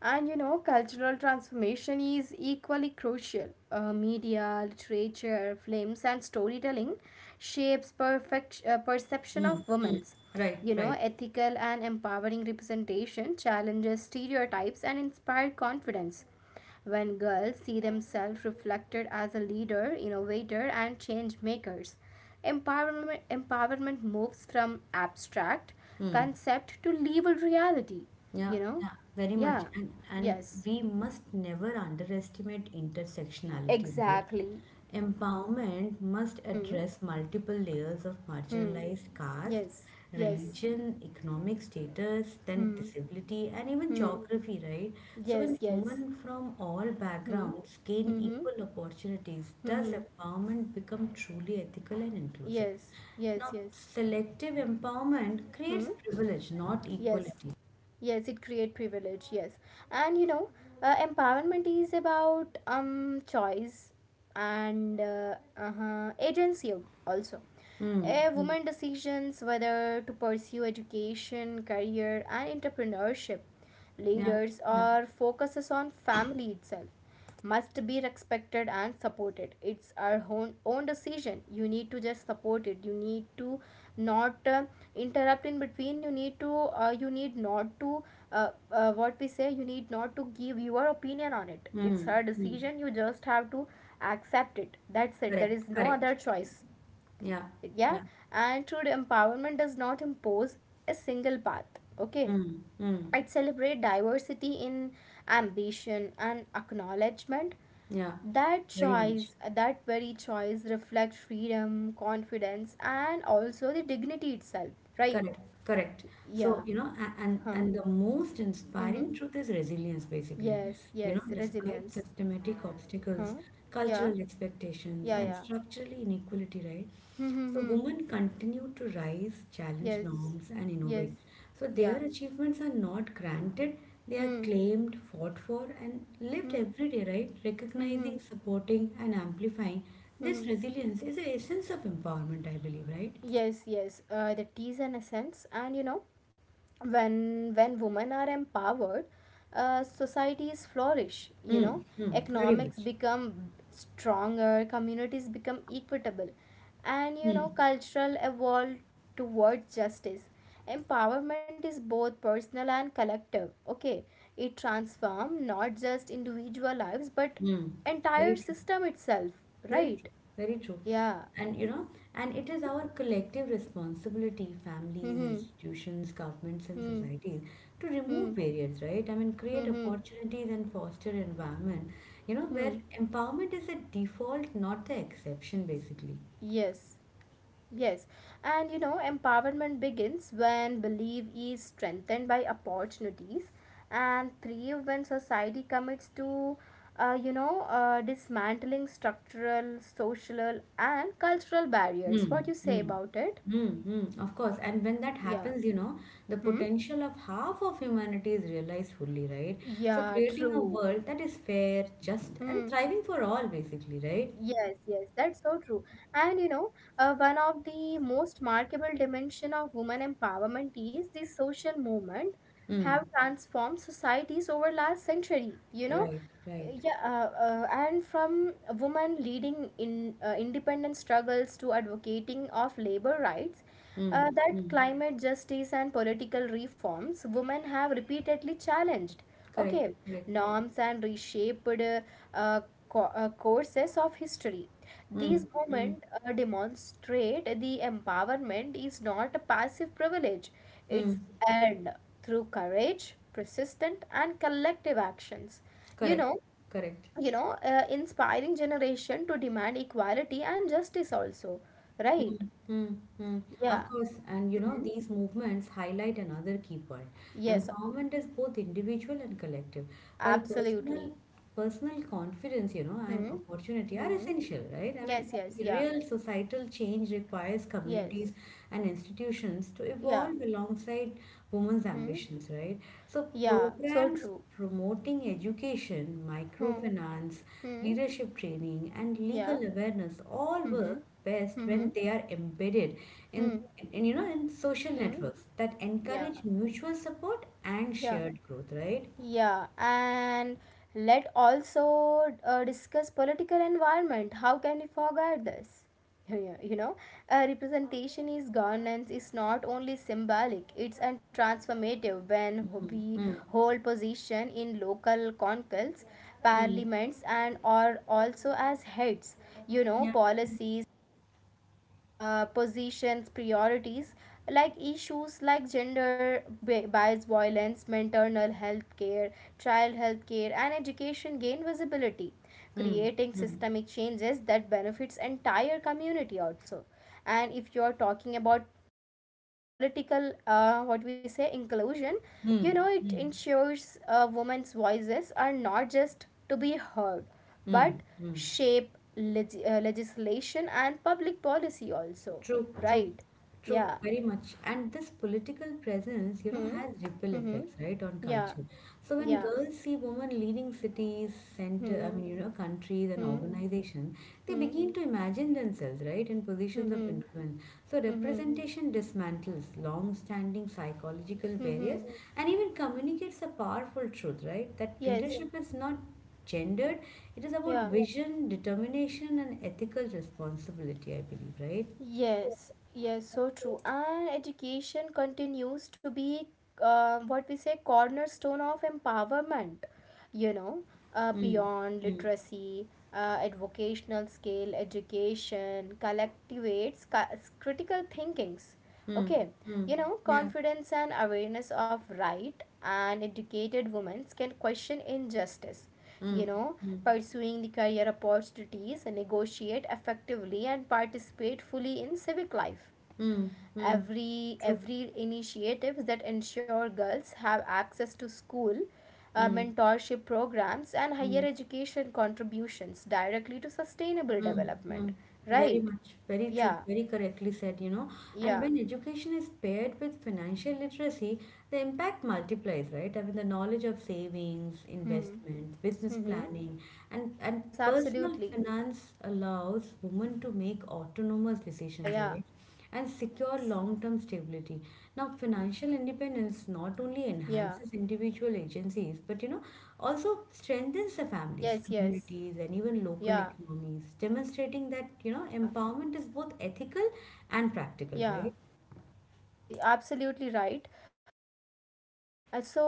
A: And you know, cultural transformation is equally crucial. Media, literature, films, and storytelling shapes perfect perception
B: Mm,
A: of
B: mm,
A: women's.
B: right,
A: You know,
B: right.
A: ethical and empowering representation challenges stereotypes and inspire confidence. When girls see themselves reflected as a leader, innovator and change makers, empowerment moves from abstract
B: Mm.
A: concept to lived reality,
B: Yeah,
A: you know.
B: yeah, very much.
A: Yeah.
B: And
A: Yes,
B: we must never underestimate intersectionality, right?
A: exactly.
B: Empowerment must
A: Hmm,
B: address multiple layers of
A: hmm.
B: marginalized caste,
A: Yes, yes.
B: religion, economic status, then
A: Hmm,
B: disability, and even
A: hmm.
B: geography, right? So when
A: Yes, yes.
B: women from all
A: Hmm.
B: backgrounds gain
A: Hmm.
B: equal opportunities, does
A: Hmm.
B: empowerment become truly ethical and inclusive?
A: Yes. Yes.
B: Now,
A: Yes.
B: selective empowerment
A: Hmm.
B: creates privilege, not
A: Yes.
B: equality.
A: Yes. It create privilege. Yes. And you know, empowerment is about choice and, agency also.
B: Hmm.
A: A woman decisions whether to pursue education, career, and entrepreneurship,
B: Yeah,
A: leaders,
B: yeah.
A: or focuses on family itself, must be respected and supported. It's our own decision, you need to just support it, you need to not, interrupt in between, you need to, you need not to, what we say, you need not to give your opinion on it, it's
B: Mm,
A: her
B: mm.
A: decision, you just have to accept it, that's it,
B: Correct,
A: there is no
B: correct.
A: other choice.
B: Yeah,
A: Yeah.
B: yeah.
A: And true empowerment does not impose a single path, okay,
B: Mm, mm.
A: it celebrates diversity in ambition and acknowledgement,
B: Yeah,
A: that
B: very much.
A: choice, that very choice reflects freedom, confidence and also the dignity itself, right?
B: Correct, correct.
A: Yeah.
B: So,
A: Huh.
B: and the most
A: Mm-hmm.
B: inspiring truth is resilience, basically.
A: Yes, yes,
B: Despite
A: resilience.
B: systematic obstacles,
A: Huh. Yeah,
B: cultural expectations,
A: yeah,
B: and
A: yeah.
B: structural inequality, right? So
A: Mm-hmm.
B: women continue to rise, challenge
A: Yes,
B: norms, and
A: yes.
B: innovate. So
A: Yeah.
B: their achievements are not granted, they are
A: Hmm,
B: claimed, fought for, and lived
A: hmm.
B: every day, right?
A: Hmm,
B: Recognizing, supporting, and amplifying this
A: hmm.
B: resilience is the essence of empowerment, I believe, right?
A: Yes, yes, that is an essence. And you know, when women are empowered, societies flourish, you know,
B: Mm, mm, very
A: economics
B: much.
A: become stronger, communities become equitable, and you know,
B: Mm,
A: cultural evolve towards justice. Empowerment is both personal and collective, okay, it transforms not just individual lives but
B: mm.
A: entire
B: Very true.
A: system itself,
B: Very
A: right?
B: true. Very true.
A: Yeah.
B: And and it is
A: hmm
B: our collective responsibility, families,
A: hmm.
B: institutions, governments, and
A: Hmm.
B: societies, to
A: Hmm.
B: remove barriers, right? Create
A: Hmm, hmm.
B: opportunities and foster environment, where
A: Hmm.
B: empowerment is a default, not the exception, basically.
A: Yes. Yes, and you know, empowerment begins when belief is strengthened by opportunities, and three when society commits to, you know, dismantling structural, social, and cultural barriers.
B: Mm,
A: What you say
B: mm,
A: about it?
B: mm, mm, of course. And when that
A: Yeah.
B: happens, the
A: Hmm.
B: potential of half of humanity is realized fully, right? So
A: Yeah.
B: creating a
A: True.
B: world that is fair, just, and
A: Hmm.
B: thriving for all, basically, right?
A: Yes, yes, that's so true. And you know, one of the most markable dimension of women empowerment is the social movement have
B: Mm,
A: transformed societies over last century. You know,
B: right, right.
A: yeah, and from women leading in, independent struggles to advocating of labor rights,
B: Mm,
A: that
B: mm,
A: climate justice and political reforms, women have repeatedly challenged,
B: correct,
A: okay,
B: correct.
A: norms and reshaped, uh, courses of history. These
B: Mm, mm,
A: moments, demonstrate the empowerment is not a passive privilege,
B: mm,
A: it's earned through courage, persistent and collective actions, you
B: correct,
A: know.
B: correct.
A: Inspiring generation to demand equality and justice also, right?
B: Mm, mm, mm.
A: Yeah.
B: Of course, and
A: Mhm.
B: these movements highlight another key point.
A: Yes,
B: Empowerment is both individual and collective, while personal
A: absolutely.
B: personal confidence, and
A: Hmm.
B: opportunity are
A: Hmm.
B: essential, right?
A: Yes, yes, yeah.
B: Real societal change requires communities
A: Yes.
B: and institutions to
A: Yeah.
B: evolve alongside women's
A: Hmm.
B: ambitions, right? So,
A: Yeah. So
B: programs
A: true.
B: promoting education,
A: Hmm.
B: microfinance,
A: Hmm.
B: leadership training, and legal
A: Yeah.
B: awareness all
A: Hmm.
B: work best
A: Hmm.
B: when they are embedded in,
A: Hmm.
B: in, in social
A: Hmm.
B: networks that
A: Yeah.
B: encourage mutual support and
A: Yeah.
B: shared growth, right?
A: Yeah, and let also, discuss political environment. How can we forget this? You know, representation is governance is not only symbolic; it's and transformative. When we
B: Mm,
A: hold position in local conclaves,
B: mm,
A: parliaments, and or also as heads, you know,
B: yeah,
A: policies, positions, priorities like issues like bias, violence, maternal health care, child health care and education gain visibility,
B: mm,
A: creating systemic changes that benefits entire community also. And if you are talking about political, what we say, inclusion, you know,
B: mm,
A: it
B: mm,
A: ensures, women's voices are not just to be heard but
B: mm, mm.
A: shape legislation and public policy also,
B: True, true,
A: right?
B: true,
A: Yeah.
B: very much. And this political presence,
A: Hmm,
B: has ripple
A: hmm.
B: effects, right, on
A: Yeah,
B: culture. So when
A: yeah.
B: girls see women leading cities, center,
A: Hmm,
B: countries and
A: hmm.
B: organizations, they
A: Hmm,
B: begin to imagine themselves, right, in positions of
A: hmm.
B: influence. So
A: Hmm,
B: representation dismantles long-standing psychological
A: hmm.
B: barriers and even communicates a powerful truth, right, that
A: Yes.
B: leadership is not gendered, it is about
A: Yeah.
B: vision, determination, and ethical responsibility, I believe, right?
A: Yes, yes, so true. And education continues to be, what we say, cornerstone of empowerment, you know.
B: Mm,
A: Beyond literacy, at vocational scale, education collectivates critical thinkings,
B: mm,
A: okay,
B: mm,
A: you know,
B: yeah,
A: confidence and awareness of right, and educated women can question injustice, you
B: mm,
A: know,
B: mm,
A: pursuing the career opportunities, negotiate effectively and participate fully in civic life.
B: mm, mm,
A: every
B: true.
A: every initiatives that ensure girls have access to school,
B: Mm,
A: mentorship programs and higher
B: mm,
A: education contributions directly to sustainable
B: mm,
A: development,
B: mm. Very
A: right?
B: much, very true,
A: Yeah.
B: very correctly said, And
A: Yeah.
B: when education is paired with financial literacy, the impact multiplies, right? The knowledge
A: Yes.
B: of savings,
A: Hmm.
B: investments, business
A: Mm-hmm.
B: planning, and
A: Yes,
B: personal
A: absolutely.
B: finance allows women to make autonomous
A: Yeah,
B: decisions,
A: yeah.
B: right? And secure
A: Yes.
B: long term stability. Now,
A: Hmm.
B: financial independence not only
A: Yeah.
B: enhances individual agencies but also strengthens the families,
A: Yes, yes.
B: communities, and even local
A: Yeah,
B: economies, demonstrating that,
A: yeah,
B: empowerment is both ethical and practical,
A: yeah.
B: right?
A: Absolutely right. Uh, so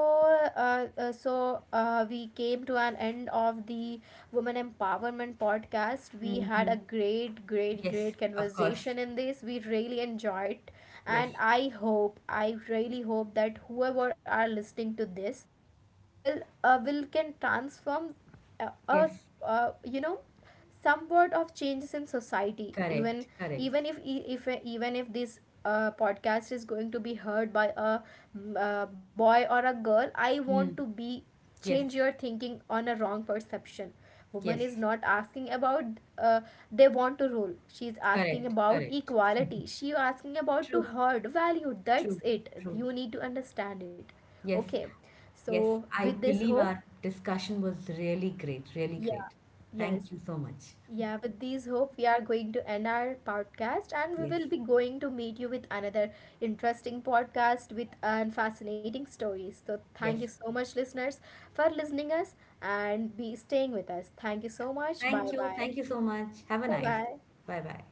A: so we came to an end of the women empowerment podcast. We had a great,
B: Yes,
A: great
B: of course.
A: conversation in this, we really enjoyed. And
B: Yes,
A: I hope, I really hope that whoever are listening to this will, can transform,
B: yes,
A: us you know, somewhat of changes in society. Even
B: correct, correct.
A: even if e- if even if this, podcast is going to be heard by a, boy or a girl, I want to
B: Mm.
A: be
B: Yes,
A: change your thinking on a wrong perception. Woman is
B: yes,
A: not asking about, uh, they want to rule, she's asking
B: correct,
A: about
B: correct.
A: equality, she asking about to
B: True,
A: herd value. That's
B: true,
A: it,
B: true.
A: you need to understand it,
B: Yes,
A: okay?
B: yes,
A: So,
B: I
A: with this
B: believe
A: hope,
B: our discussion was really great, really great.
A: yeah, yes,
B: Thank you so much.
A: yeah, with these hope, we are going to end our podcast and we
B: Yes,
A: will be going to meet you with another interesting podcast with and fascinating stories. So, thank you
B: yes.
A: so much, listeners, for listening us and be staying with us. Thank you so much. Bye
B: Thank you.
A: bye.
B: Thank you so much. Have a
A: Bye
B: nice day.
A: bye.
B: Bye bye.